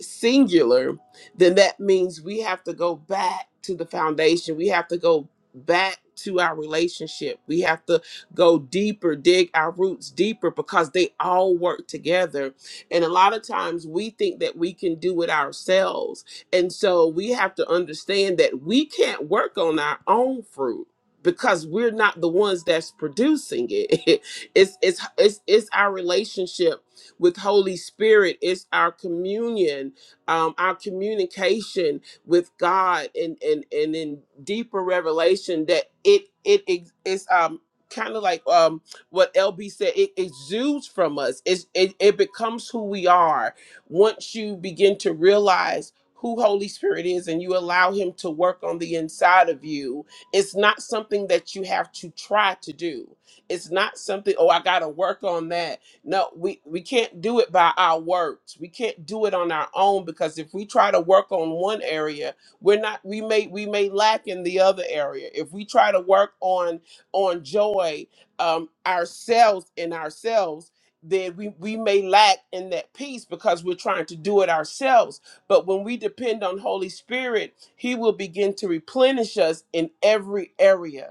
Speaker 8: singular, then that means we have to go back to the foundation. We have to go back to our relationship. We have to go deeper, dig our roots deeper because they all work together. And a lot of times we think that we can do it ourselves. And so we have to understand that we can't work on our own fruit because we're not the ones that's producing it. it's it's it's it's our relationship with Holy Spirit. It's our communion, um, our communication with God, and and and in deeper revelation that it it ex- it's um kind of like um what LB said. It exudes from us. It's, it it becomes who we are once you begin to realize. Who Holy Spirit is, and you allow Him to work on the inside of you. It's not something that you have to try to do. It's not something, oh, I got to work on that no, we we can't do it by our works. We can't do it on our own because if we try to work on one area, we're not we may we may lack in the other area. If we try to work on on joy um ourselves in ourselves, then we we may lack in that peace because we're trying to do it ourselves. But when we depend on Holy Spirit, he will begin to replenish us in every area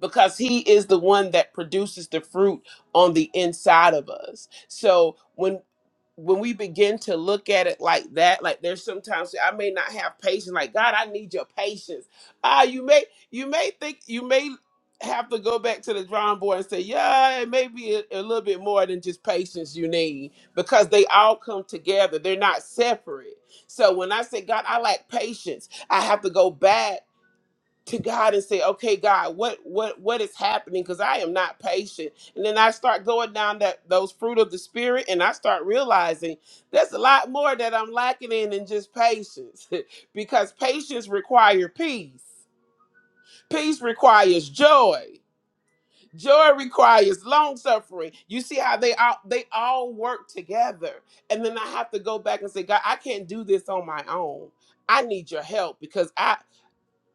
Speaker 8: because he is the one that produces the fruit on the inside of us. So when when we begin to look at it like that, like there's sometimes I may not have patience. Like God, I need your patience. Ah, you may you may think you may have to go back to the drawing board and say, yeah, it may be a, a little bit more than just patience you need because they all come together. They're not separate. So when I say God, I lack patience, I have to go back to God and say, "Okay, God, what what what is happening? Because I am not patient." And then I start going down that those fruit of the spirit, and I start realizing there's a lot more that I'm lacking in than just patience, because patience requires peace. Peace requires joy. Joy requires long suffering. You see how they all they all work together. And then I have to go back and say, God, I can't do this on my own. I need your help because I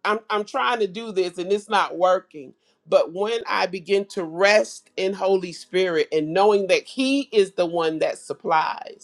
Speaker 8: I'm I'm trying to do this and it's not working. But when I begin to rest in Holy Spirit and knowing that He is the one that supplies,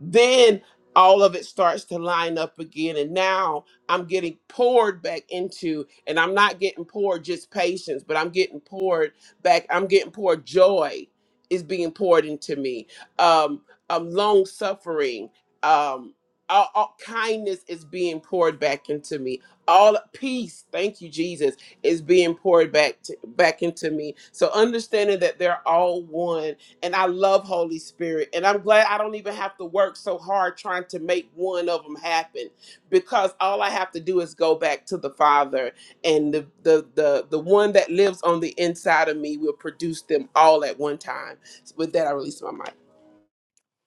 Speaker 8: then all of it starts to line up again and now i'm getting poured back into and i'm not getting poured just patience but i'm getting poured back i'm getting poured joy is being poured into me um, um long suffering um all, all kindness is being poured back into me all peace thank you jesus is being poured back to, back into me so understanding that they're all one and I love Holy Spirit. And I'm glad I don't even have to work so hard trying to make one of them happen because all I have to do is go back to the Father. And the, the, the, the one that lives on the inside of me will produce them all at one time. With that, I release my mic.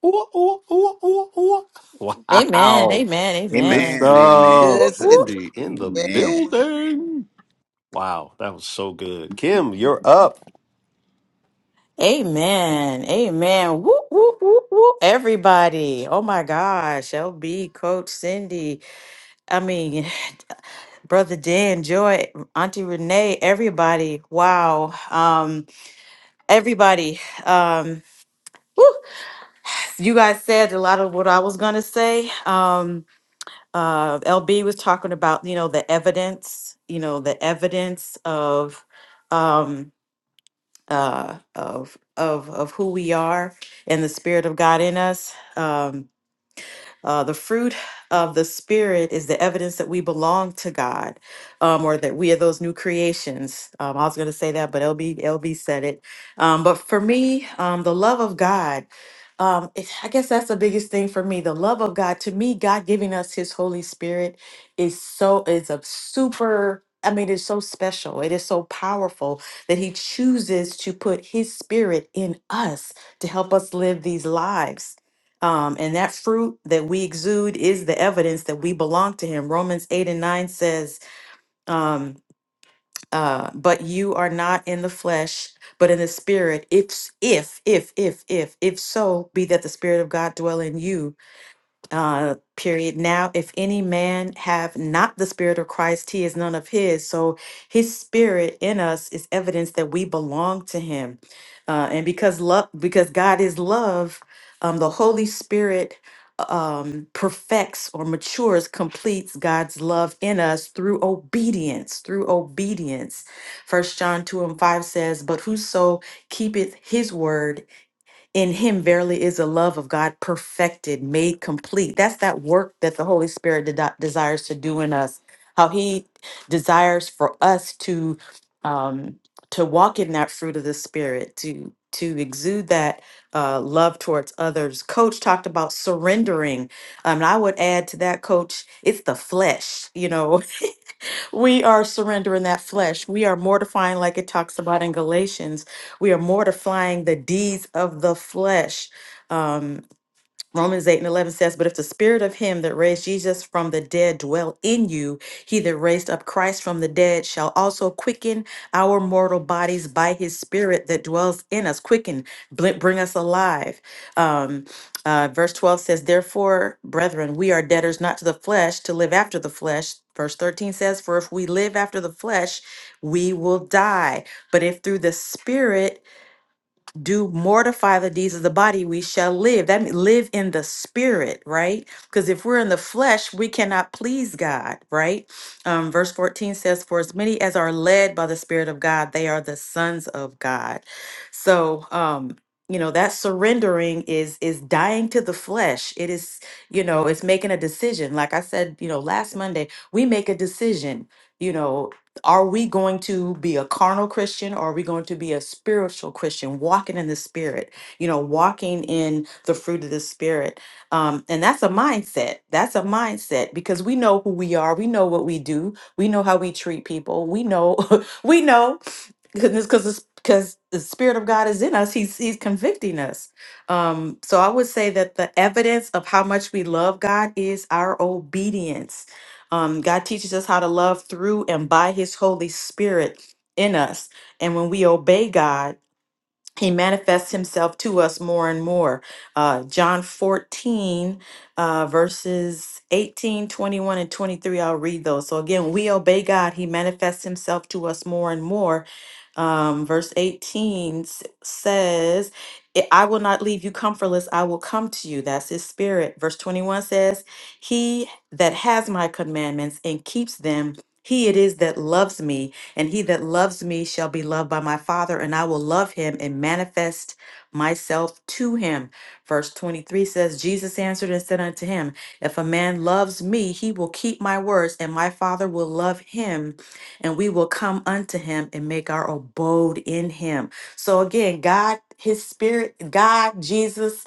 Speaker 1: Ooh, ooh, ooh, ooh, ooh.
Speaker 5: Amen.
Speaker 1: Wow.
Speaker 5: Amen.
Speaker 1: Good
Speaker 5: Amen.
Speaker 3: Amen. Amen.
Speaker 1: stuff.
Speaker 2: Good,
Speaker 5: Whoop, whoop.
Speaker 2: Cindy.
Speaker 1: Cindy, In the
Speaker 2: Yeah,
Speaker 3: Amen.
Speaker 1: building. Wow, that was so good. Kim, you're up.
Speaker 5: Amen. Amen. Whoop, whoop, whoop, whoop. Everybody. Oh my gosh. LB, Coach Cindy. I mean, Brother Dan, Joy, Auntie Renee, everybody. Wow. Um, everybody. Um, whew. you guys said a lot of what I was gonna say. Um, uh, LB was talking about, you know, the evidence, you know, the evidence of, um, uh, of, of, of who we are and the spirit of God in us. Um, uh, the fruit of the Spirit is the evidence that we belong to God um, or that we are those new creations. Um, I was going to say that, but LB, LB said it. Um, but for me, um, the love of God, um, it, I guess that's the biggest thing for me. The love of God, to me, God giving us His Holy Spirit is so, is a super. I mean, it's so special. It is so powerful that he chooses to put his spirit in us to help us live these lives. Um, and that fruit that we exude is the evidence that we belong to him. Romans 8 and 9 says, um, uh, but you are not in the flesh, but in the spirit. If, if, if, if, if, if so, be that the spirit of God dwell in you uh, period. Now, if any man have not the Spirit of Christ, he is none of his. So his Spirit in us is evidence that we belong to him. Uh, and because love, because God is love, um, the Holy Spirit um, perfects or matures, completes God's love in us through obedience, through obedience. First John 2 and 5 says, But whoso keepeth his word, in him verily is the love of God perfected, made complete. That's that work that the Holy Spirit de- desires to do in us. How he desires for us to um, to walk in that fruit of the Spirit, to to exude that uh, love towards others. Coach talked about surrendering. Um, and I would add to that, Coach, it's the flesh. You know, we are surrendering that flesh. We are mortifying, like it talks about in Galatians. We are mortifying the deeds of the flesh. Um, Romans 8 and 11 says, But if the spirit of him that raised Jesus from the dead dwell in you, he that raised up Christ from the dead shall also quicken our mortal bodies by his spirit that dwells in us. Quicken, bl- bring us alive. Um, uh, verse 12 says, Therefore, brethren, we are debtors not to the flesh to live after the flesh. Verse 13 says, For if we live after the flesh, we will die. But if through the spirit, do mortify the deeds of the body, we shall live. That means live in the spirit, right? Because if we're in the flesh, we cannot please God, right? Um, verse 14 says, For as many as are led by the Spirit of God, they are the sons of God. So, um, you know that surrendering is is dying to the flesh it is you know it's making a decision like i said you know last monday we make a decision you know are we going to be a carnal Christian or are we going to be a spiritual Christian, walking in the spirit, you know, walking in the fruit of the spirit? Um, and that's a mindset. That's a mindset because we know who we are. We know what we do. We know how we treat people. We know, we know goodness because because the spirit of god is in us he's he's convicting us um so i would say that the evidence of how much we love god is our obedience um god teaches us how to love through and by his holy spirit in us and when we obey god he manifests himself to us more and more. Uh, John 14, uh, verses 18, 21, and 23, I'll read those. So again, we obey God, he manifests himself to us more and more. Um, verse 18 s- says, I I will not leave you comfortless, I will come to you. That's his spirit. Verse 21 says, He that has my commandments and keeps them, he it is that loves me and he that loves me shall be loved by my Father, and I will love him and manifest myself to him. Verse 23 says, Jesus answered and said unto him, If a man loves me, he will keep my words, and my Father will love him, and we will come unto him and make our abode in him. So again, God, his spirit, God, Jesus,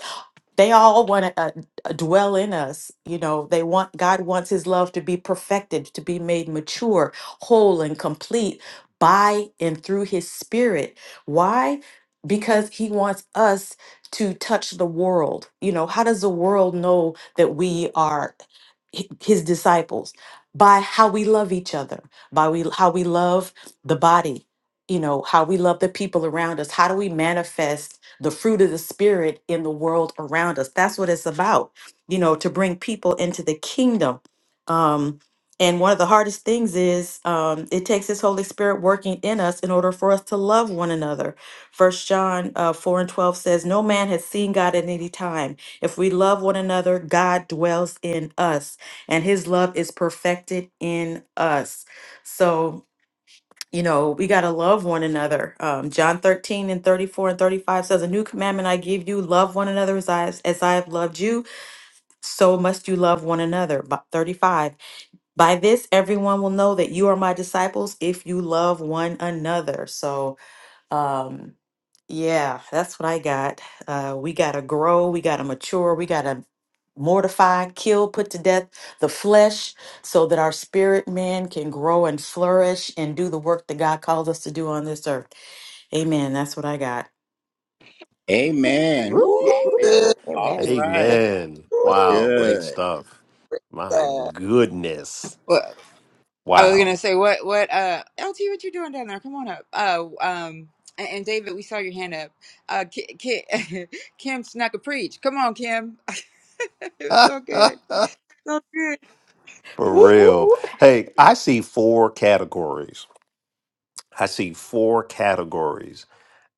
Speaker 5: they all want to uh, uh, dwell in us you know they want god wants his love to be perfected to be made mature whole and complete by and through his spirit why because he wants us to touch the world you know how does the world know that we are hi- his disciples by how we love each other by we how we love the body you know how we love the people around us how do we manifest the fruit of the Spirit in the world around us. That's what it's about, you know, to bring people into the kingdom. Um, and one of the hardest things is um, it takes His Holy Spirit working in us in order for us to love one another. First John uh, 4 and 12 says, No man has seen God at any time. If we love one another, God dwells in us, and His love is perfected in us. So, you know, we got to love one another. Um, John 13 and 34 and 35 says, A new commandment I give you, love one another as I, as I have loved you, so must you love one another. Bi- 35, by this everyone will know that you are my disciples if you love one another. So, um, yeah, that's what I got. Uh, we got to grow, we got to mature, we got to mortify, kill, put to death the flesh so that our spirit man can grow and flourish and do the work that God called us to do on this earth. Amen. That's what I got.
Speaker 3: Amen.
Speaker 4: Woof,
Speaker 3: Woo.
Speaker 4: woof, woof.
Speaker 2: good.
Speaker 4: Amen.
Speaker 3: All right.
Speaker 1: Amen.
Speaker 3: That was
Speaker 2: Ooh,
Speaker 1: Wow, great
Speaker 3: good.
Speaker 1: stuff. My
Speaker 2: yeah.
Speaker 1: goodness.
Speaker 6: Well, I was gonna
Speaker 1: Wow.
Speaker 6: say what what uh LT, what you doing down there? Come on up. Uh, um, and, and David, we saw your hand up. Uh, Ki- Ki- Kim snuck a preach. Come on, Kim. it was so good,
Speaker 1: For
Speaker 6: so good.
Speaker 1: real. Hey, I see four categories. I see four categories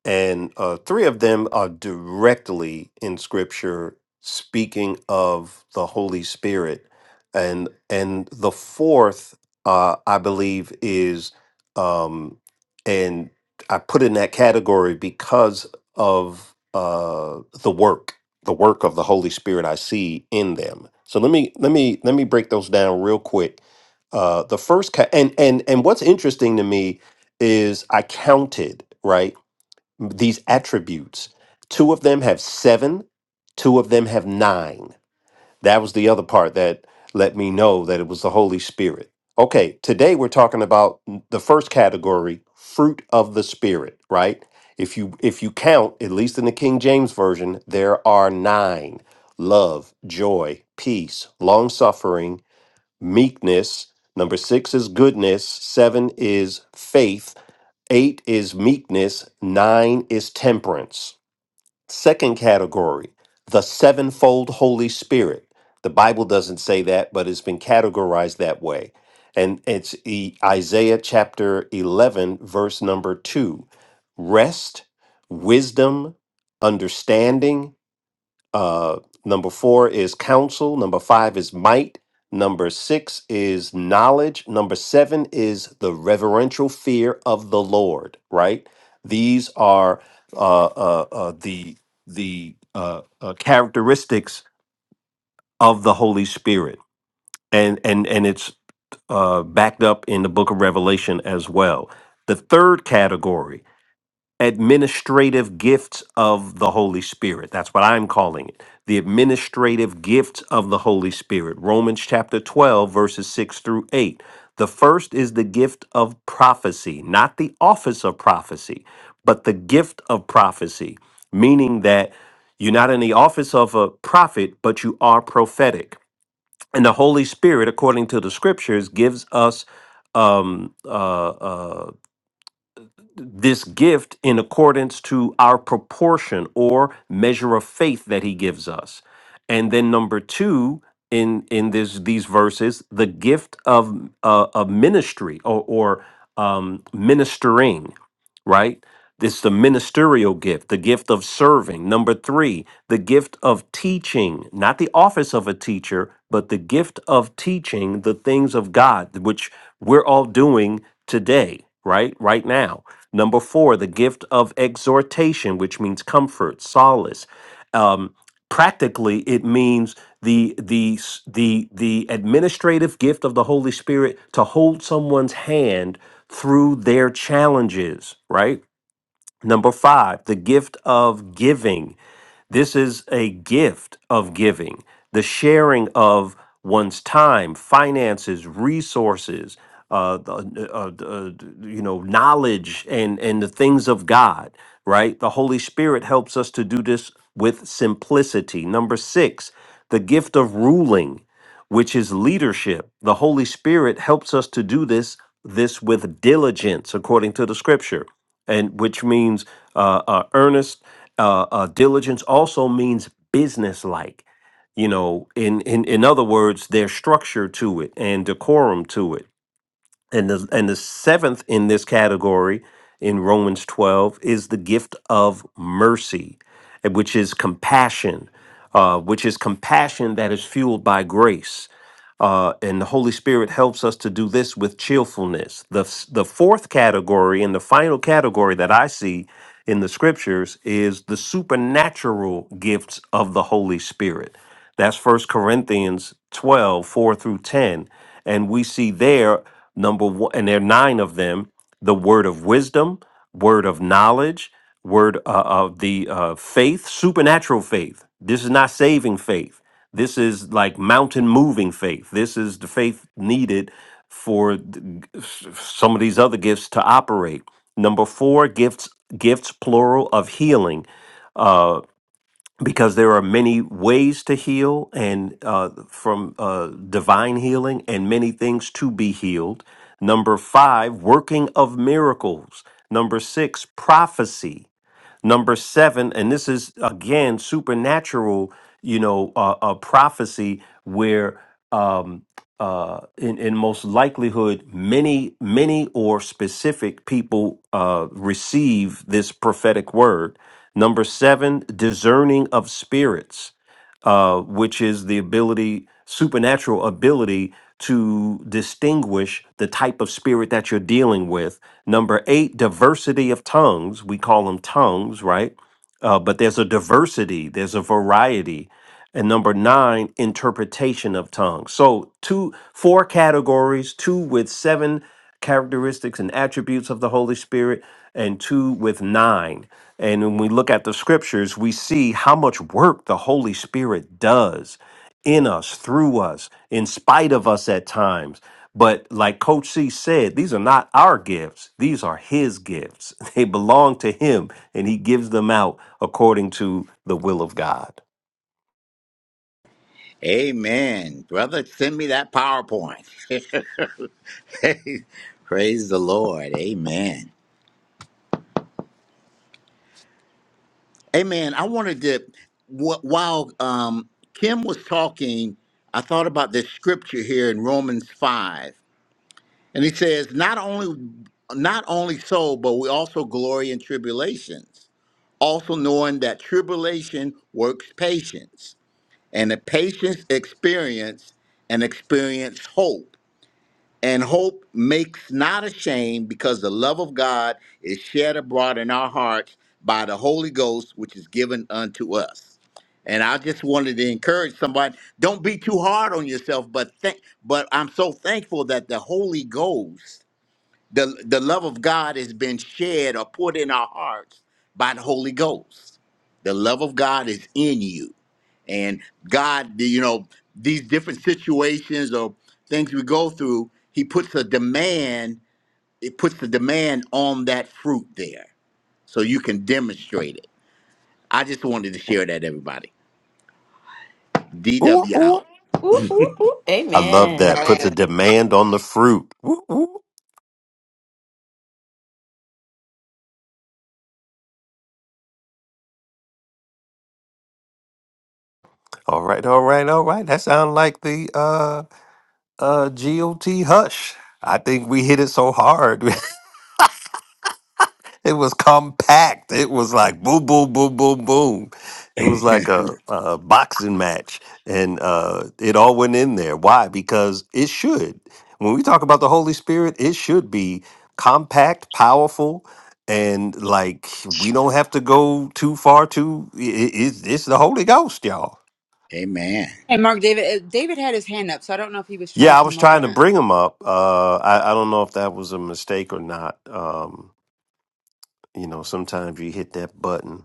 Speaker 1: and uh, three of them are directly in scripture speaking of the holy spirit and and the fourth uh, i believe is um and i put in that category because of uh the work the work of the holy spirit i see in them so let me let me let me break those down real quick uh the first ca- and and and what's interesting to me is i counted right these attributes. Two of them have seven, two of them have nine. That was the other part that let me know that it was the Holy Spirit. Okay, today we're talking about the first category, fruit of the spirit, right? If you if you count, at least in the King James version, there are 9. Love, joy, peace, long-suffering, meekness, number 6 is goodness, 7 is faith, Eight is meekness, nine is temperance. Second category, the sevenfold Holy Spirit. The Bible doesn't say that, but it's been categorized that way. And it's E- Isaiah chapter 11, verse number 2. Rest, wisdom, understanding, uh, number four is counsel. Number five is might. Number six is knowledge. Number seven is the reverential fear of the Lord. Right. These are uh, uh, uh, the the uh, uh, characteristics of the Holy Spirit, and and and it's uh, backed up in the Book of Revelation as well. The third category administrative gifts of the Holy Spirit. That's what I'm calling it. The administrative gifts of the Holy Spirit. Romans chapter 12, verses 6 through 8. The first is the gift of prophecy, not the office of prophecy, but the gift of prophecy, meaning that you're not in the office of a prophet, but you are prophetic. And the Holy Spirit, according to the scriptures, gives us um, uh, uh, this gift in accordance to our proportion or measure of faith that he gives us. And then number 2 in in this these verses, the gift of uh, of ministry or or um ministering, right? It's the ministerial gift, the gift of serving. Number three, the gift of teaching, not the office of a teacher, but the gift of teaching the things of God, which we're all doing today, right? Right now. Number four, the gift of exhortation, which means comfort, solace. Um, practically, it means the the s- the the administrative gift of the Holy Spirit to hold someone's hand through their challenges, right? Number five, the gift of giving. This is a gift of giving, the sharing of one's time, finances, resources, uh, the- uh, uh, you know, knowledge, and and the things of God. Right, the Holy Spirit helps us to do this with simplicity. Number six, the gift of ruling which is leadership. The Holy Spirit helps us to do this this with diligence, according to the Scripture, and which means uh, uh, earnest. Uh, uh, diligence also means businesslike. You know, in in in other words, there's structure to it and decorum to it. And the and the seventh in this category in Romans 12 is the gift of mercy, eh, which is compassion, uh, which is compassion that is fueled by grace uh, and the Holy Spirit helps us to do this with cheerfulness. The, f- the fourth category and the final category that I see in the scriptures is the supernatural gifts of the Holy Spirit. That's First Corinthians 12 4 through 10. And we see there, number one, and there are nine of them the word of wisdom, word of knowledge, word uh, of the uh, faith, supernatural faith. This is not saving faith. This is like mountain moving faith. This is the faith needed for th- s- some of these other gifts to operate. Number four, gifts, gifts plural of healing, uh, because there are many ways to heal, and uh, from uh, divine healing, and many things to be healed. Number five, working of miracles. Number six, prophecy. Number seven, and this is again supernatural, you know, uh, uh, prophecy where um, uh, in, in most likelihood, many, many or specific people uh, receive this prophetic word. Number seven, discerning of spirits uh, which is the ability, supernatural ability to distinguish the type of spirit that you're dealing with. Number eight, diversity of tongues. We call them tongues, right? uh, but there's a diversity, there's a variety. And number nine, interpretation of tongues. So two, four categories, two with seven characteristics and attributes of the Holy Spirit, and two with nine. And when we look at the scriptures, we see how much work the Holy Spirit does in us, through us, in spite of us at times. But like Coach C said, these are not our gifts. These are his gifts. They belong to him, and he gives them out according to the will of God.
Speaker 3: Amen. Brother, send me that PowerPoint. Praise the Lord. Amen. Amen. I wanted to, wh- while um, Kim was talking, I thought about this scripture here in Romans 5. And he says, not only not only so, but we also glory in tribulations also knowing that tribulation works patience, and the patience experience and experience hope. And hope makes not ashamed because the love of God is shed abroad in our hearts by the Holy Ghost, which is given unto us. And I just wanted to encourage somebody, don't be too hard on yourself, but thank but I'm so thankful that the Holy Ghost the, the love of God has been shed or poured in our hearts by the Holy Ghost. The love of God is in you. And God, you know, these different situations or things we go through, He puts a demand, it puts the demand on that fruit there so you can demonstrate it. I just wanted to share that, everybody.
Speaker 1: Ooh,
Speaker 3: DW
Speaker 1: ooh.
Speaker 3: out.
Speaker 5: Ooh, ooh, ooh.
Speaker 1: I love
Speaker 5: Amen.
Speaker 1: that. Puts
Speaker 2: Uh,
Speaker 1: a demand on the fruit. Ooh, ooh. All right, all right, all right. That sounds like the uh uh GOT hush. I think we hit it so hard. It was compact. It was like boom, boom, boom, boom, boom. It was like a, a boxing match, and uh, it all went in there. Why? Because it should. When we talk about the Holy Spirit, it should be compact, powerful, and like we don't have to go too far. Too i i- it's, it's the Holy Ghost, y'all.
Speaker 3: Amen.
Speaker 6: Hey, Mark, David. uh, David had his hand up, so I don't know if he was trying to
Speaker 1: Yeah, I was
Speaker 6: come up or
Speaker 1: trying to
Speaker 6: not.
Speaker 1: bring him up. Uh, I, I don't know if that was a mistake or not. Um, you know, sometimes you hit that button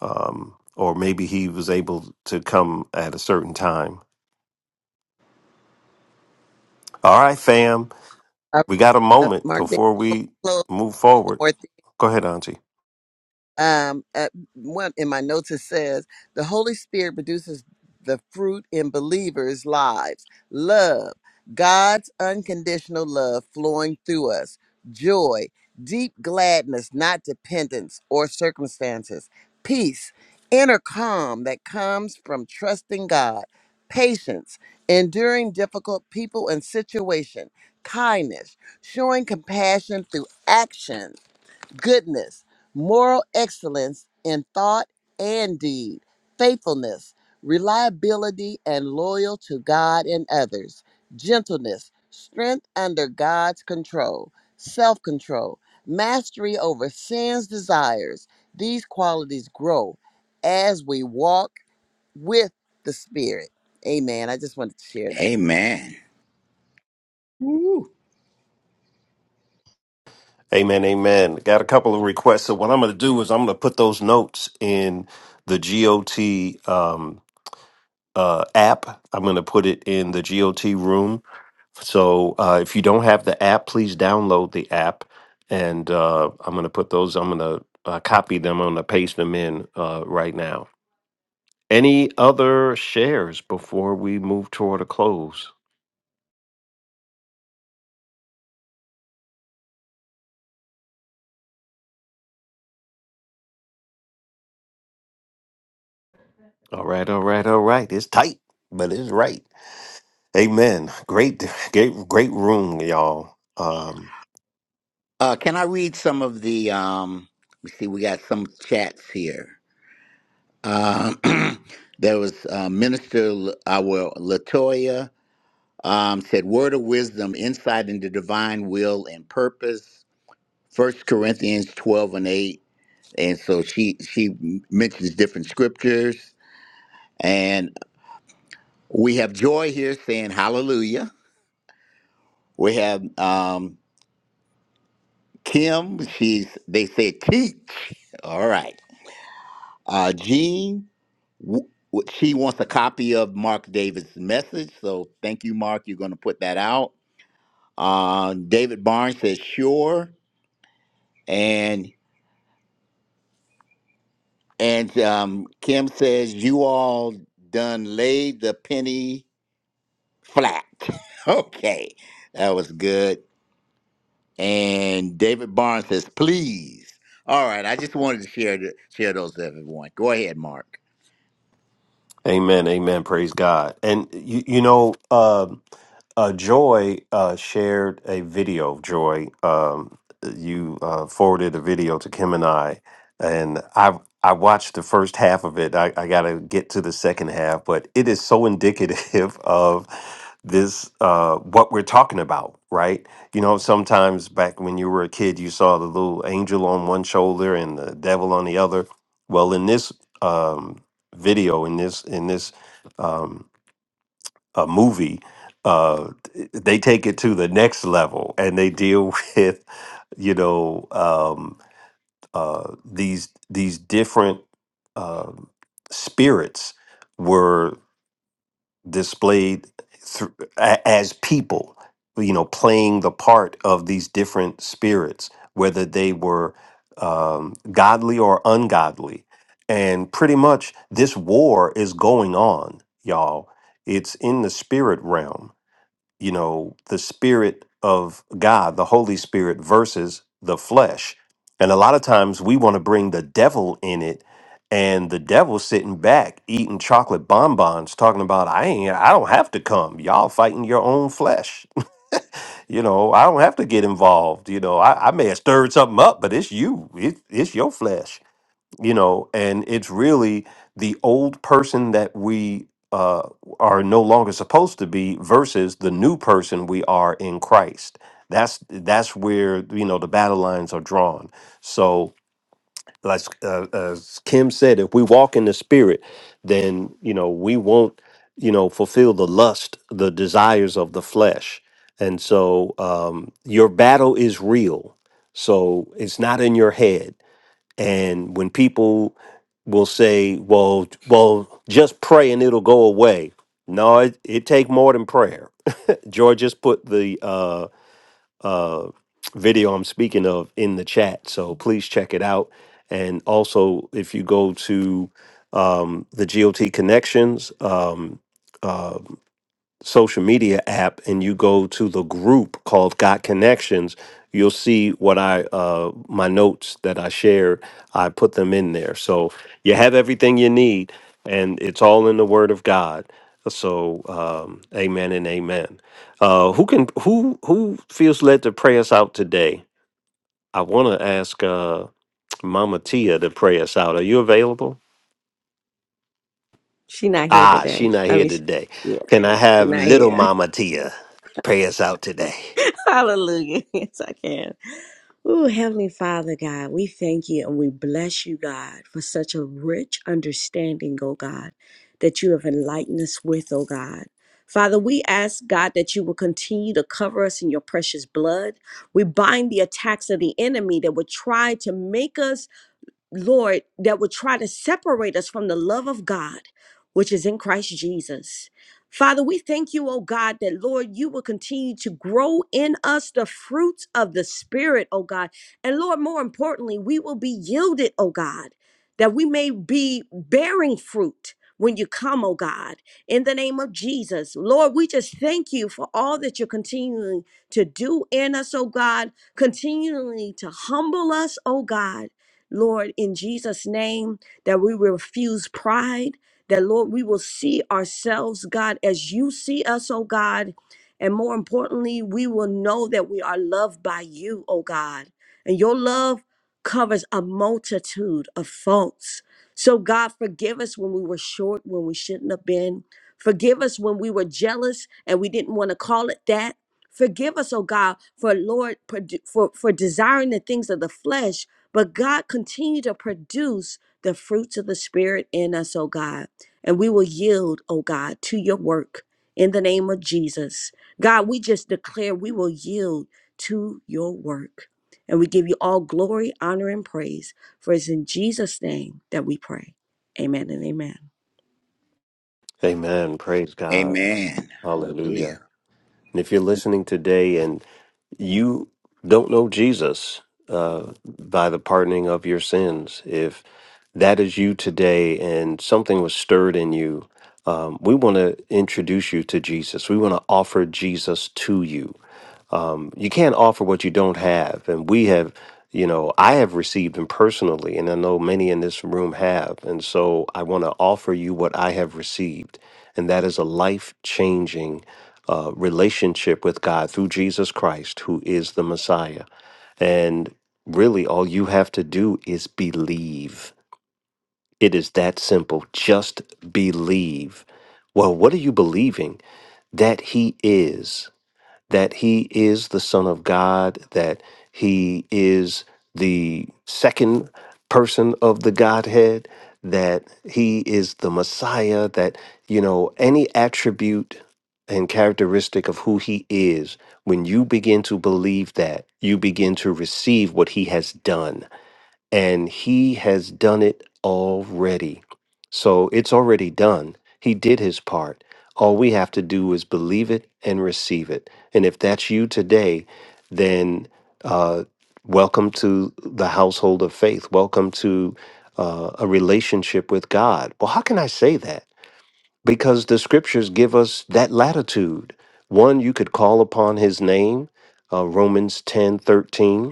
Speaker 1: um, or maybe he was able to come at a certain time. All right, fam, we got a
Speaker 2: uh,
Speaker 1: moment
Speaker 2: Mark,
Speaker 1: before we
Speaker 2: close
Speaker 1: move
Speaker 2: the
Speaker 1: forward.
Speaker 2: door.
Speaker 1: Go ahead, Auntie.
Speaker 2: um, at one in my notes it says the Holy Spirit produces the fruit in believers' lives: love, God's unconditional love flowing through us; joy, deep gladness, not dependence or circumstances; peace, inner calm that comes from trusting God; patience, enduring difficult people and situation; kindness, showing compassion through action goodness, moral excellence in thought and deed, faithfulness, reliability, and loyal to God and others, gentleness, strength under God's control, self control, mastery over sin's desires. These qualities grow as we walk with the Spirit. Amen. I just wanted to share that.
Speaker 3: Amen.
Speaker 1: Amen, amen. Got a couple of requests. So what I'm going to do is I'm going to put those notes in the GOT um, uh, app. I'm going to put it in the GOT room. So uh, if you don't have the app, please download the app. And uh, I'm going to put those. I'm going to uh, copy them. I'm going to paste them in uh, right now. Any other shares before we move toward a close? All right, all right, all right. It's tight, but it's right. Amen. Great, great, great room, y'all. Um,
Speaker 3: Uh, can I read some of the? Um, let me see. We got some chats here. Um, there was uh, Minister L- our Latoya um, said, "Word of wisdom, insight into divine will and purpose." First Corinthians twelve and eight, and so she she m- mentions different scriptures, and we have Joy here saying Hallelujah. We have um, Kim. She's they say teach. All right, uh, Jean. w- w- she wants a copy of Mark David's message. So thank you, Mark. You're going to put that out. Uh, David Barnes says sure, and and um, Kim says you all done laid the penny flat. okay, that was good. And David Barnes says please. All right, I just wanted to share th- share those with everyone. Go ahead, Mark.
Speaker 1: Amen. Amen. Praise God. And you, you know, um uh, Joy uh, shared a video. Joy, um, you uh, forwarded a video to Kim and I, and I I watched the first half of it. I, I got to get to the second half, but it is so indicative of this uh, what we're talking about, right? You know, sometimes back when you were a kid, you saw the little angel on one shoulder and the devil on the other. Well, in this. Um, video in this in this um, uh, movie, uh, th- they take it to the next level and they deal with you know um, uh, these these different um spirits were displayed thr- a as people, you know, playing the part of these different spirits, whether they were um, godly or ungodly. And pretty much this war is going on, y'all. It's in the spirit realm you know the spirit of god the holy spirit versus the flesh and a lot of times we want to bring the devil in it and the devil sitting back eating chocolate bonbons talking about i ain't i don't have to come y'all fighting your own flesh you know i don't have to get involved you know i, I may have stirred something up but it's you it, it's your flesh you know and it's really the old person that we uh, are no longer supposed to be versus the new person we are in christ that's that's where you know the battle lines are drawn so like uh, as kim said if we walk in the spirit then you know we won't you know fulfill the lust the desires of the flesh and so um, your battle is real so it's not in your head and when people will say, "Well, well, just pray and it'll go away," no, it, it take more than prayer. George just put the uh, uh, video I'm speaking of in the chat, so please check it out. And also, if you go to um, the GOT Connections um, uh, social media app and you go to the group called Got Connections, you'll see what I uh my notes that I shared, I put them in there. So you have everything you need and it's all in the word of God. So um amen and amen. Uh who can who who feels led to pray us out today? I want to ask uh Mama Tia to pray us out. Are you available?
Speaker 4: She not here
Speaker 1: Ah, she
Speaker 4: today.
Speaker 1: not
Speaker 4: I
Speaker 1: here
Speaker 4: mean, she,
Speaker 1: today.
Speaker 4: yeah,
Speaker 1: Can I
Speaker 4: she
Speaker 1: have
Speaker 4: not
Speaker 1: little
Speaker 4: here.
Speaker 1: Mama Tia pray us out today?
Speaker 4: Hallelujah. Yes, I can. Ooh, Heavenly Father, God, we thank you and we bless you, God, for such a rich understanding, oh God, that you have enlightened us with, oh God. Father, we ask, God, that you will continue to cover us in your precious blood. We bind the attacks of the enemy that would try to make us Lord, that would try to separate us from the love of God, which is in Christ Jesus. Father, we thank you, oh God, that Lord, you will continue to grow in us the fruits of the Spirit, oh God. And Lord, more importantly, we will be yielded, oh God, that we may be bearing fruit when you come, oh God, in the name of Jesus. Lord, we just thank you for all that you're continuing to do in us, oh God, continually to humble us, oh God Lord, in Jesus' name, that we refuse pride, that, Lord, we will see ourselves, God, as you see us, oh God. And more importantly, we will know that we are loved by you, oh God. And your love covers a multitude of faults. So, God, forgive us when we were short, when we shouldn't have been. Forgive us when we were jealous and we didn't want to call it that. Forgive us, oh God, for Lord, produ- for, for desiring the things of the flesh but God, continue to produce the fruits of the Spirit in us, oh God. And we will yield, oh God, to your work in the name of Jesus. God, we just declare we will yield to your work. And we give you all glory, honor, and praise. For it's in Jesus' name that we pray. Amen and amen.
Speaker 1: Amen. Praise God.
Speaker 3: Amen. Hallelujah.
Speaker 1: Hallelujah. And if you're listening today and you don't know Jesus uh, by the pardoning of your sins, if that is you today and something was stirred in you, um, we want to introduce you to Jesus. We want to offer Jesus to you um, you can't offer what you don't have. And we have, you know, I have received them personally, and I know many in this room have. And so I want to offer you what I have received, and that is a life changing uh, relationship with God through Jesus Christ, who is the Messiah. And really, all you have to do is believe. It is that simple. Just believe. Well, what are you believing? That He is that he is the Son of God, that he is the second person of the Godhead, that he is the Messiah, that, you know, any attribute and characteristic of who he is, when you begin to believe that, you begin to receive what he has done and he has done it already. So it's already done. He did his part. All we have to do is believe it and receive it. And if that's you today, then uh, welcome to the household of faith. Welcome to uh, a relationship with God. Well, how can I say that? Because the scriptures give us that latitude. One, you could call upon his name, uh, Romans ten thirteen.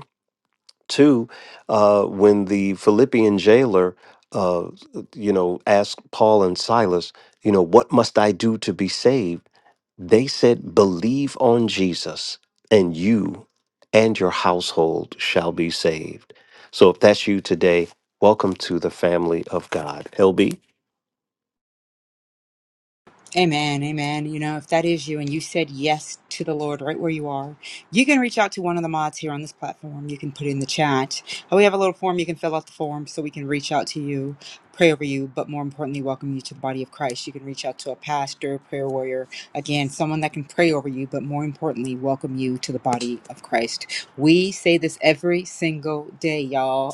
Speaker 1: Two, uh, when the Philippian jailer, uh, you know, asked Paul and Silas, you know, what must I do to be saved? They said, believe on Jesus, and you and your household shall be saved. So if that's you today, welcome to the family of God. LB.
Speaker 6: Amen, amen. You know, if that is you and you said yes to the Lord right where you are, you can reach out to one of the mods here on this platform. You can put in the chat. Uh, We have a little form. You can fill out the form so we can reach out to you, pray over you, but more importantly, welcome you to the body of Christ. You can reach out to a pastor, prayer warrior, again, someone that can pray over you, but more importantly, welcome you to the body of Christ. We say this every single day, y'all.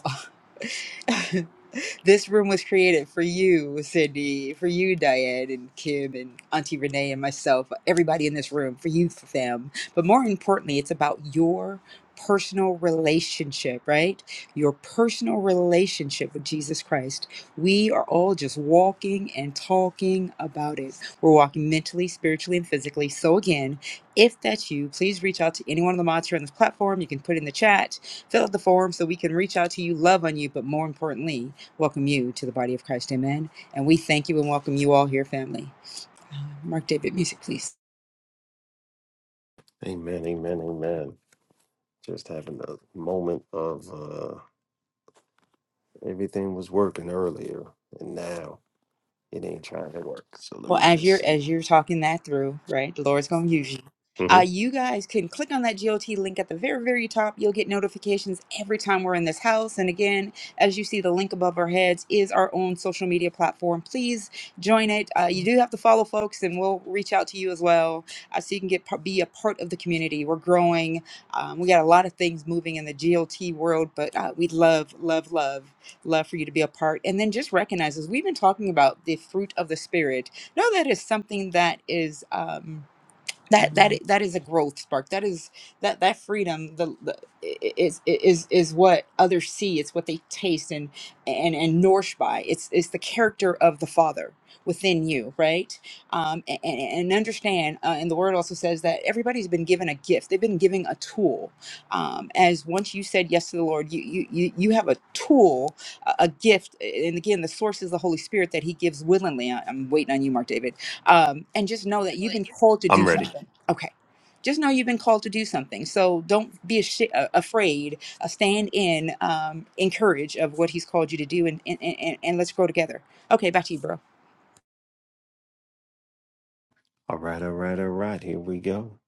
Speaker 6: This room was created for you, Cindy, for you, Diane, and Kim, and Auntie Renee, and myself, everybody in this room, for you, fam. But more importantly, it's about your personal relationship, right? Your personal relationship with Jesus Christ. We are all just walking and talking about it. We're walking mentally, spiritually, and physically. So, again, if that's you, please reach out to any one of the mods here on this platform. You can put in the chat, fill out the form so we can reach out to you, love on you, but more importantly, welcome you to the body of Christ. Amen. And we thank you and welcome you all here, family. Mark David, music, please.
Speaker 1: Amen, amen, amen. Just having a moment of uh, everything was working earlier, and now it ain't trying to work. So let
Speaker 6: Well,
Speaker 1: me
Speaker 6: as
Speaker 1: just
Speaker 6: you're
Speaker 1: see.
Speaker 6: as you're talking that through, right? The Lord's gonna use you. Uh, you guys can click on that GOT link at the very, very top. You'll get notifications every time we're in this house. And again, as you see, the link above our heads is our own social media platform. Please join it. Uh, you do have to follow folks, and we'll reach out to you as well, uh, so you can get par- be a part of the community. We're growing. Um, we got a lot of things moving in the GOT world, but uh, we'd love, love, love, love for you to be a part. And then just recognize, as we've been talking about the fruit of the spirit no, that is something that is um, that that i- that is a growth spark. That is that that freedom the, the i- is is is what others see. It's what they taste and and and nourish by. It's it's the character of the Father within you, right? Um, and, and and understand. Uh, and the Word also says that everybody's been given a gift. They've been given a tool. Um, as once you said yes to the Lord, you you you you have a tool, a, a gift. And again, the source is the Holy Spirit that He gives willingly. I, I'm waiting on you, Mark David um, and just know that you've been called to do
Speaker 1: I'm ready.
Speaker 6: something. Okay. Just know you've been called to do something. So don't be ash- uh, afraid. Uh, stand in, um, encourage of what he's called you to do, and, and, and, and let's grow together. Okay, back to you, bro.
Speaker 1: All right, all right, all right. Here we go.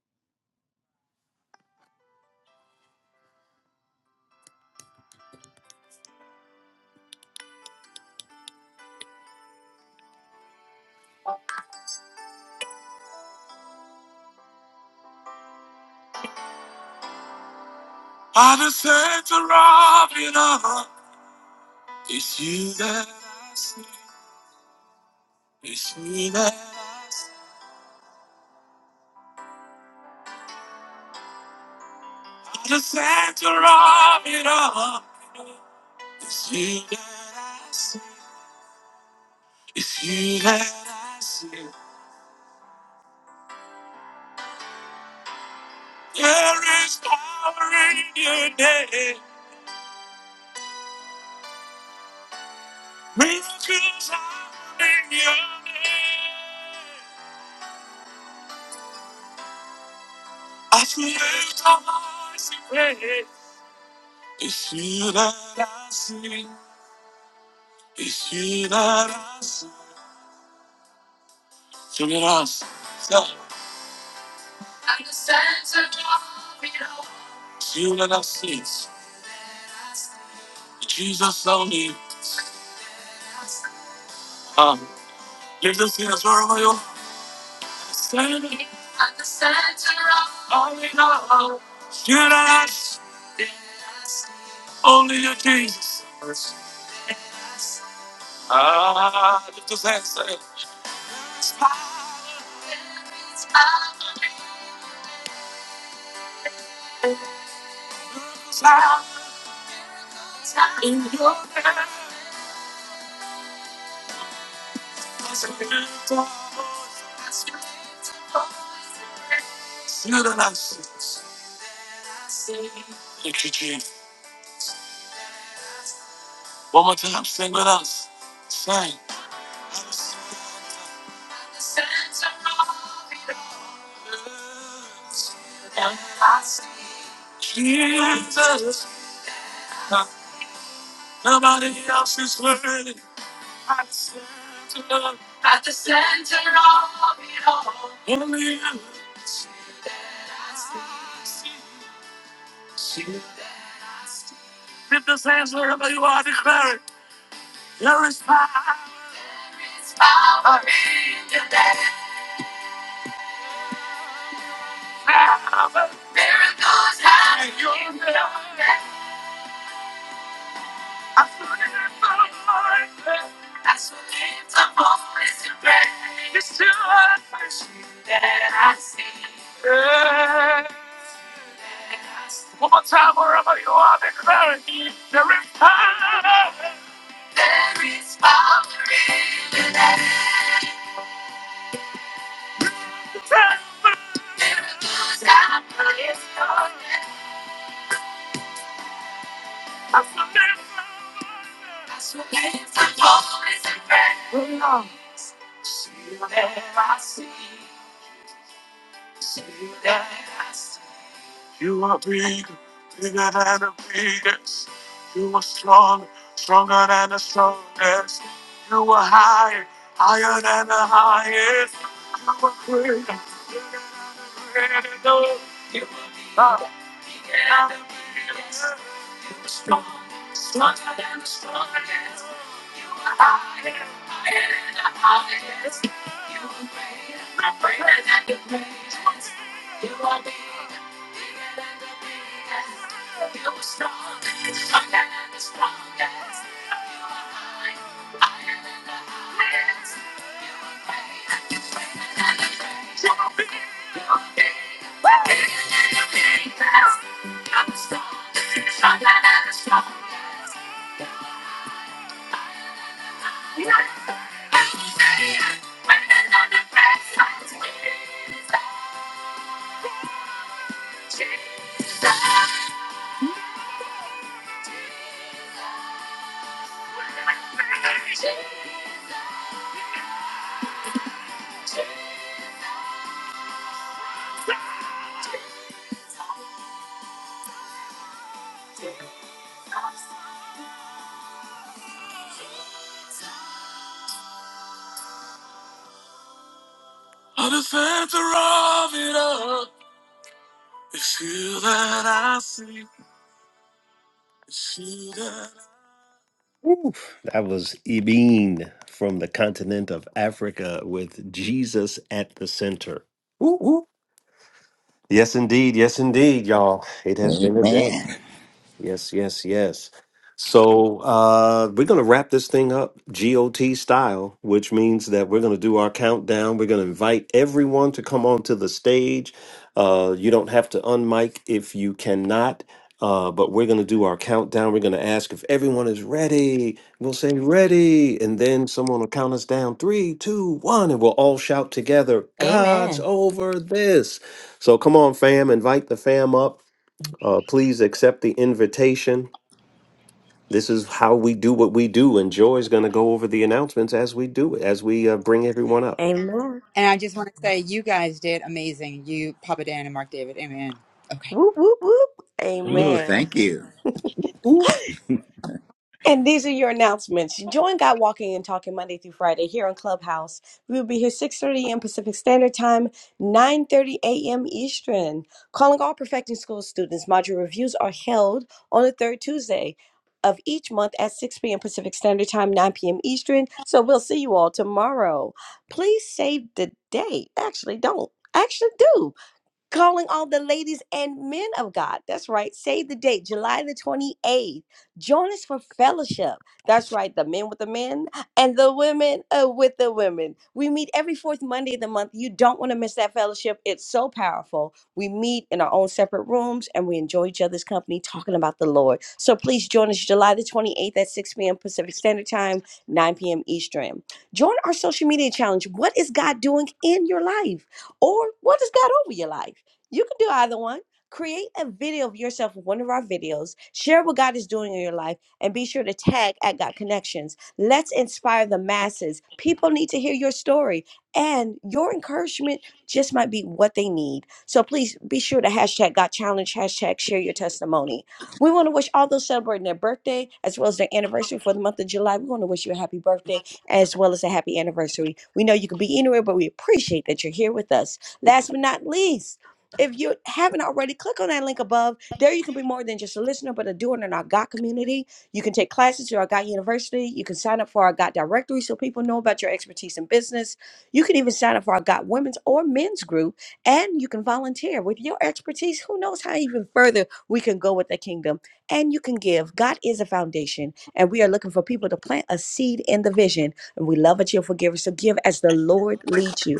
Speaker 1: By the center of it all, it's you that I see. It's you that I see. By the center of it all, it's you that I see. It's you that I see. There is power in your name. Miracles are in your name. I should lift my voice and pray. It's you that I see. Ishinaras, Shinaras, Sa, Shinaras, Jesus only. Um, give the sinners wherever you standing. Alleluia. Shinaras, only you, Jesus. Ah, lift those hands, say, Shinaras. Thank you, Jesus. One more time, sing with us. Sing. Jesus, nobody else is worthy. Lift those hands wherever you are, declare it. There is power. Miracles happen. You're there. There I I see. You are big, bigger than the biggest. You are strong, stronger than the strongest. You are high, higher than the highest. You are great, bigger But the center of it all is you that I see. It's you that I- Ooh, that was Ibeen from the continent of Africa with Jesus at the center. Ooh, ooh. Yes, indeed. Yes, indeed, y'all. It has been a day.
Speaker 3: Amen.
Speaker 1: Yes, yes, yes. So uh, we're going to wrap this thing up GOT style, which means that we're going to do our countdown. We're going to invite everyone to come onto the stage. Uh, you don't have to unmic if you cannot, uh, but we're going to do our countdown. We're going to ask if everyone is ready. We'll say ready, and then someone will count us down three, two, one, and we'll all shout together,
Speaker 5: Amen.
Speaker 1: God's over this. So come on, fam, invite the fam up. Uh, please accept the invitation. This is how we do what we do, and Joy's going to go over the announcements as we do it, as we uh, bring everyone up.
Speaker 4: Amen.
Speaker 6: And I just want to say, you guys did amazing. You, Papa Dan and Mark David. Amen. Okay.
Speaker 4: Whoop, whoop, whoop.
Speaker 3: Oh,
Speaker 4: Amen.
Speaker 3: thank you.
Speaker 1: Ooh.
Speaker 4: And these are your announcements. Join God Walking and Talking Monday through Friday here on Clubhouse. We will be here 6.30 a.m. Pacific Standard Time, 9.30 a.m. Eastern. Calling all Perfecting School students, module reviews are held on the third Tuesday of each month at 6 p.m. Pacific Standard Time, 9 p.m. Eastern. So we'll see you all tomorrow. Please save the date. Actually, don't. Actually, do calling all the ladies and men of God. That's right. Save the date, July the 28th. Join us for fellowship. That's right. The men with the men and the women uh, with the women. We meet every fourth Monday of the month. You don't want to miss that fellowship. It's so powerful. We meet in our own separate rooms and we enjoy each other's company talking about the Lord. So please join us July the 28th at 6 p.m. Pacific Standard Time, 9 p.m. Eastern. Join our social media challenge. What is God doing in your life? Or what is God over your life? You can do either one. Create a video of yourself with one of our videos, share what God is doing in your life, and be sure to tag at God Connections. Let's inspire the masses. People need to hear your story, and your encouragement just might be what they need. So please be sure to hashtag God Challenge, hashtag share your testimony. We want to wish all those celebrating their birthday as well as their anniversary for the month of July. We want to wish you a happy birthday as well as a happy anniversary. We know you could be anywhere, but we appreciate that you're here with us. Last but not least, if you haven't already, click on that link above. There you can be more than just a listener, but a doer in our God community. You can take classes through our God University. You can sign up for our God directory so people know about your expertise in business. You can even sign up for our God women's or men's group, and you can volunteer with your expertise. Who knows how even further we can go with the kingdom? And you can give. God is a foundation, and we are looking for people to plant a seed in the vision. And we love that you're forgivers. So give as the Lord leads you.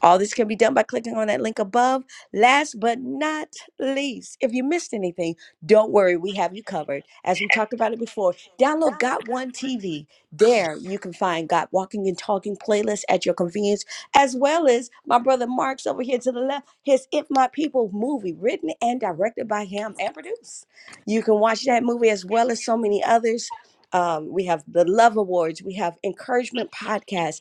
Speaker 4: All this can be done by clicking on that link above. Last but not least, if you missed anything, don't worry, we have you covered. As we talked about it before, download Got One TV. There you can find Got Walking and Talking playlist at your convenience, as well as my brother Mark's over here to the left, his If My People movie, written and directed by him and produced. You can watch that movie as well as so many others. Um, we have the Love Awards, we have Encouragement Podcast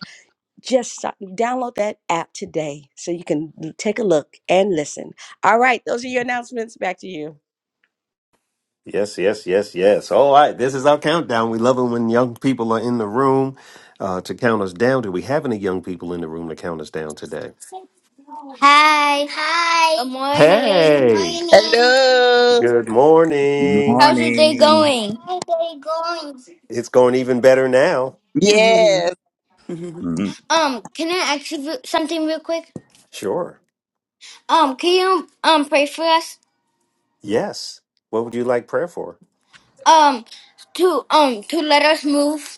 Speaker 4: just so- download that app today so you can l- take a look and listen. All right, those are your announcements. Back to you.
Speaker 1: Yes, yes, yes, yes. All right, this is our countdown. We love it when young people are in the room uh, to count us down. Do we have any young people in the room to count us down today?
Speaker 9: Hi. Hi. Good morning. Good
Speaker 1: Hey,
Speaker 9: morning.
Speaker 2: Hello.
Speaker 1: good morning.
Speaker 9: How's your day
Speaker 3: Morning.
Speaker 9: going? How's your day going?
Speaker 1: It's going even better now.
Speaker 2: Yes.
Speaker 3: Mhm.
Speaker 9: Um, can I ask you re- something real quick?
Speaker 1: Sure.
Speaker 9: Um, can you um pray for us?
Speaker 1: Yes. What would you like prayer for?
Speaker 9: Um, to um to let us move.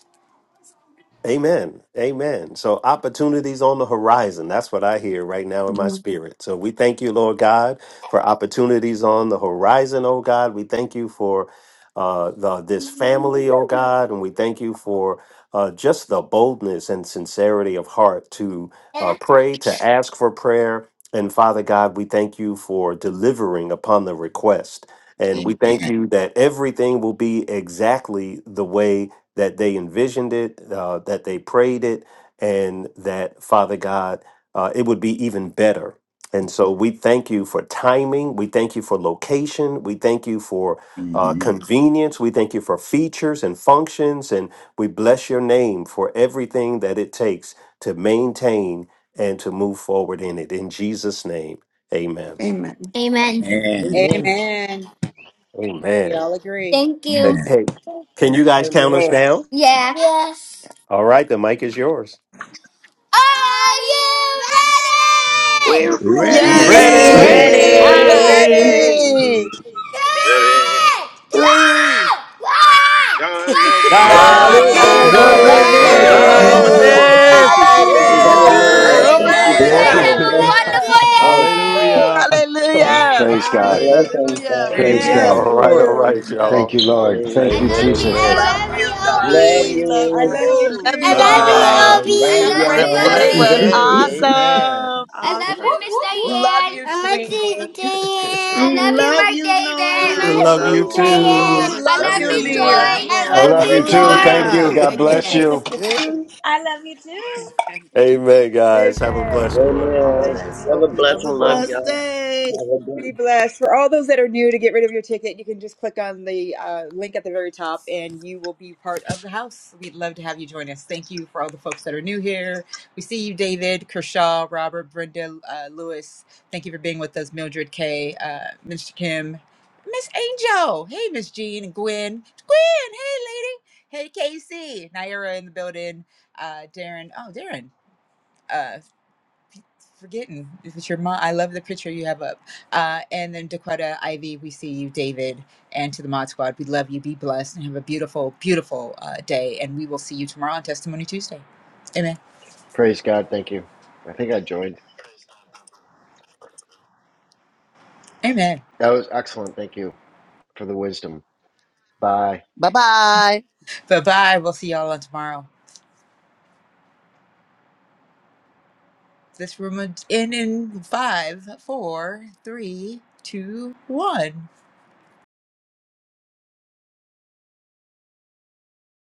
Speaker 1: Amen. Amen. So opportunities on the horizon. That's what I hear right now in my spirit. So we thank you, Lord God, for opportunities on the horizon, oh God. We thank you for uh, the, this family, oh God, and we thank you for uh, just the boldness and sincerity of heart to uh, pray, to ask for prayer. And Father God, we thank you for delivering upon the request. And we thank
Speaker 3: Amen.
Speaker 1: you that everything will be exactly the way that they envisioned it, uh, that they prayed it, and that Father God, uh, it would be even better. And so we thank you for timing. We thank you for location. We thank you for uh, Mhm.
Speaker 3: Mhm.
Speaker 1: convenience. We thank you for features and functions. And we bless your name for everything that it takes to maintain and to move forward in it. In Jesus' name, amen.
Speaker 9: Amen. Amen.
Speaker 3: Amen.
Speaker 10: Amen.
Speaker 6: Amen. We
Speaker 1: Amen.
Speaker 6: all agree.
Speaker 9: Thank
Speaker 1: Hey,
Speaker 9: you.
Speaker 3: Amen.
Speaker 1: hey, can you guys count us
Speaker 11: Amen.
Speaker 1: down?
Speaker 9: Yeah. Yes.
Speaker 1: All right, the mic is yours.
Speaker 9: Are you ready?
Speaker 11: We're
Speaker 4: Amen.
Speaker 12: Ready!
Speaker 10: Yes,
Speaker 2: Yes,
Speaker 11: ready.
Speaker 10: we
Speaker 3: Ready.
Speaker 13: Ready?
Speaker 10: are.
Speaker 14: Ready.
Speaker 1: ready.
Speaker 2: we're
Speaker 6: Ready.
Speaker 2: ready.
Speaker 15: Hey,
Speaker 16: Ready?
Speaker 9: Three, two,
Speaker 11: Three.
Speaker 9: one,
Speaker 16: Your eyes over
Speaker 17: Amen
Speaker 12: God
Speaker 2: God
Speaker 1: God's
Speaker 15: God's
Speaker 12: is
Speaker 16: this.
Speaker 2: is
Speaker 14: It's
Speaker 13: God's
Speaker 12: over
Speaker 2: over
Speaker 15: over
Speaker 14: over
Speaker 1: over
Speaker 13: over
Speaker 3: Oh,
Speaker 12: this.
Speaker 10: God's
Speaker 9: go!
Speaker 18: Oh
Speaker 3: God,
Speaker 15: this.
Speaker 3: over
Speaker 14: this.
Speaker 13: this.
Speaker 1: this.
Speaker 10: over
Speaker 2: this.
Speaker 12: Hallelujah. Thank
Speaker 3: this.
Speaker 12: you,
Speaker 10: this.
Speaker 12: Jesus.
Speaker 6: Amen.
Speaker 18: my
Speaker 11: Woo!
Speaker 13: Woo!
Speaker 12: Hallelujah.
Speaker 2: Hallelujah.
Speaker 18: goodness.
Speaker 1: Yep.
Speaker 19: Amen.
Speaker 12: Thank
Speaker 9: I
Speaker 12: you,
Speaker 9: hope
Speaker 13: Hallelujah.
Speaker 9: you
Speaker 2: Praise
Speaker 9: guys
Speaker 20: Glory
Speaker 12: Father.
Speaker 10: Hallelujah.
Speaker 20: to
Speaker 12: Bless
Speaker 2: God.
Speaker 19: Amen.
Speaker 9: have a
Speaker 1: Hallelujah.
Speaker 9: wonderful day.
Speaker 12: us.
Speaker 9: Bye.
Speaker 2: Hallelujah.
Speaker 21: Praise
Speaker 9: Love
Speaker 21: God.
Speaker 12: Bless
Speaker 9: you.
Speaker 12: us, Father.
Speaker 11: Hallelujah.
Speaker 6: We
Speaker 21: Praise
Speaker 6: love
Speaker 10: Yes,
Speaker 19: Amen.
Speaker 21: God.
Speaker 1: all
Speaker 6: you
Speaker 1: right, all
Speaker 10: Lord.
Speaker 12: Thank
Speaker 6: too.
Speaker 1: right,
Speaker 12: you,
Speaker 3: Yes.
Speaker 21: Thank
Speaker 1: y'all.
Speaker 12: Father.
Speaker 21: you, Lord.
Speaker 9: I
Speaker 21: Thank
Speaker 12: Hallelujah.
Speaker 21: you,
Speaker 1: Amen,
Speaker 9: love you. I
Speaker 21: Jesus.
Speaker 1: amen.
Speaker 19: Love
Speaker 9: love you,
Speaker 19: you
Speaker 12: Love
Speaker 11: We
Speaker 9: Obi.
Speaker 19: guys.
Speaker 11: love
Speaker 6: I
Speaker 12: you.
Speaker 6: love
Speaker 19: Oh,
Speaker 6: you
Speaker 2: Woo,
Speaker 11: you.
Speaker 2: Love
Speaker 9: I
Speaker 2: you
Speaker 3: All
Speaker 1: Love you
Speaker 9: love
Speaker 6: too.
Speaker 9: you,
Speaker 3: right.
Speaker 2: all.
Speaker 1: guys.
Speaker 9: Obi. I
Speaker 12: Love
Speaker 9: love
Speaker 3: Everyone
Speaker 6: I
Speaker 2: This
Speaker 9: you,
Speaker 3: have a
Speaker 12: y'all.
Speaker 2: day
Speaker 3: blessed
Speaker 2: was
Speaker 10: We
Speaker 9: Obi.
Speaker 3: day.
Speaker 6: love you
Speaker 2: awesome.
Speaker 3: Amen.
Speaker 9: I
Speaker 1: Whoop,
Speaker 9: love
Speaker 1: whoop,
Speaker 11: Awesome.
Speaker 9: you, Miss
Speaker 1: whoop, whoop.
Speaker 19: love
Speaker 9: Diane.
Speaker 19: you,
Speaker 9: Miss
Speaker 19: sweetie.
Speaker 9: Diane. I love
Speaker 6: too.
Speaker 9: you,
Speaker 10: love
Speaker 9: Mark
Speaker 10: you,
Speaker 9: David. I
Speaker 1: We
Speaker 3: Ooh,
Speaker 9: love
Speaker 1: love
Speaker 3: Love
Speaker 10: Noelani.
Speaker 1: you
Speaker 9: you,
Speaker 11: Oh,
Speaker 19: Oh,
Speaker 3: you.
Speaker 11: that
Speaker 1: too.
Speaker 9: Diane.
Speaker 11: is
Speaker 9: I
Speaker 19: love
Speaker 3: Love
Speaker 11: so
Speaker 9: love
Speaker 19: you,
Speaker 3: you,
Speaker 9: you, Joy.
Speaker 3: everyone.
Speaker 19: Liam.
Speaker 9: I
Speaker 21: I
Speaker 11: beautiful.
Speaker 9: love
Speaker 21: love you
Speaker 9: you,
Speaker 21: too.
Speaker 9: Joy.
Speaker 1: Oh
Speaker 21: Thank you.
Speaker 1: my
Speaker 10: Hallelujah.
Speaker 21: God bless you.
Speaker 1: goodness.
Speaker 4: I love you too.
Speaker 1: amen, guys. Have a
Speaker 6: Amen.
Speaker 1: blessed one.
Speaker 4: God
Speaker 11: oh,
Speaker 4: bless
Speaker 12: Amen.
Speaker 11: that's
Speaker 4: you.
Speaker 11: so
Speaker 10: Have a
Speaker 11: beautiful.
Speaker 10: blessed day.
Speaker 12: Have a good
Speaker 6: Be blessed. For all those that are new to get rid of your ticket, you can just click on the uh, link at the very top and you will be part of the house. We'd love to have you join us. Thank you for all the folks that are new here. We see you, David, Kershaw, Robert, Brenda, uh, Lewis. Thank you for being with us, Mildred K, uh, Mr. Kim, Miss Angel. Hey, Miss Jean and Gwen. Gwen, hey, lady. Hey, Casey. Naira in the building. Uh, Darren. Oh, Darren. Uh, forgetting if it's your mom i love the picture you have up uh, and then dakota ivy we see you david and to the mod squad we love you be blessed and have a beautiful beautiful uh, day and we will see you tomorrow on testimony tuesday amen
Speaker 21: Praise God. Thank you. I think I joined.
Speaker 6: amen
Speaker 21: That was excellent. Thank you for the wisdom. Bye.
Speaker 2: Bye bye.
Speaker 6: bye bye we'll see y'all on tomorrow this room would end in five four three two one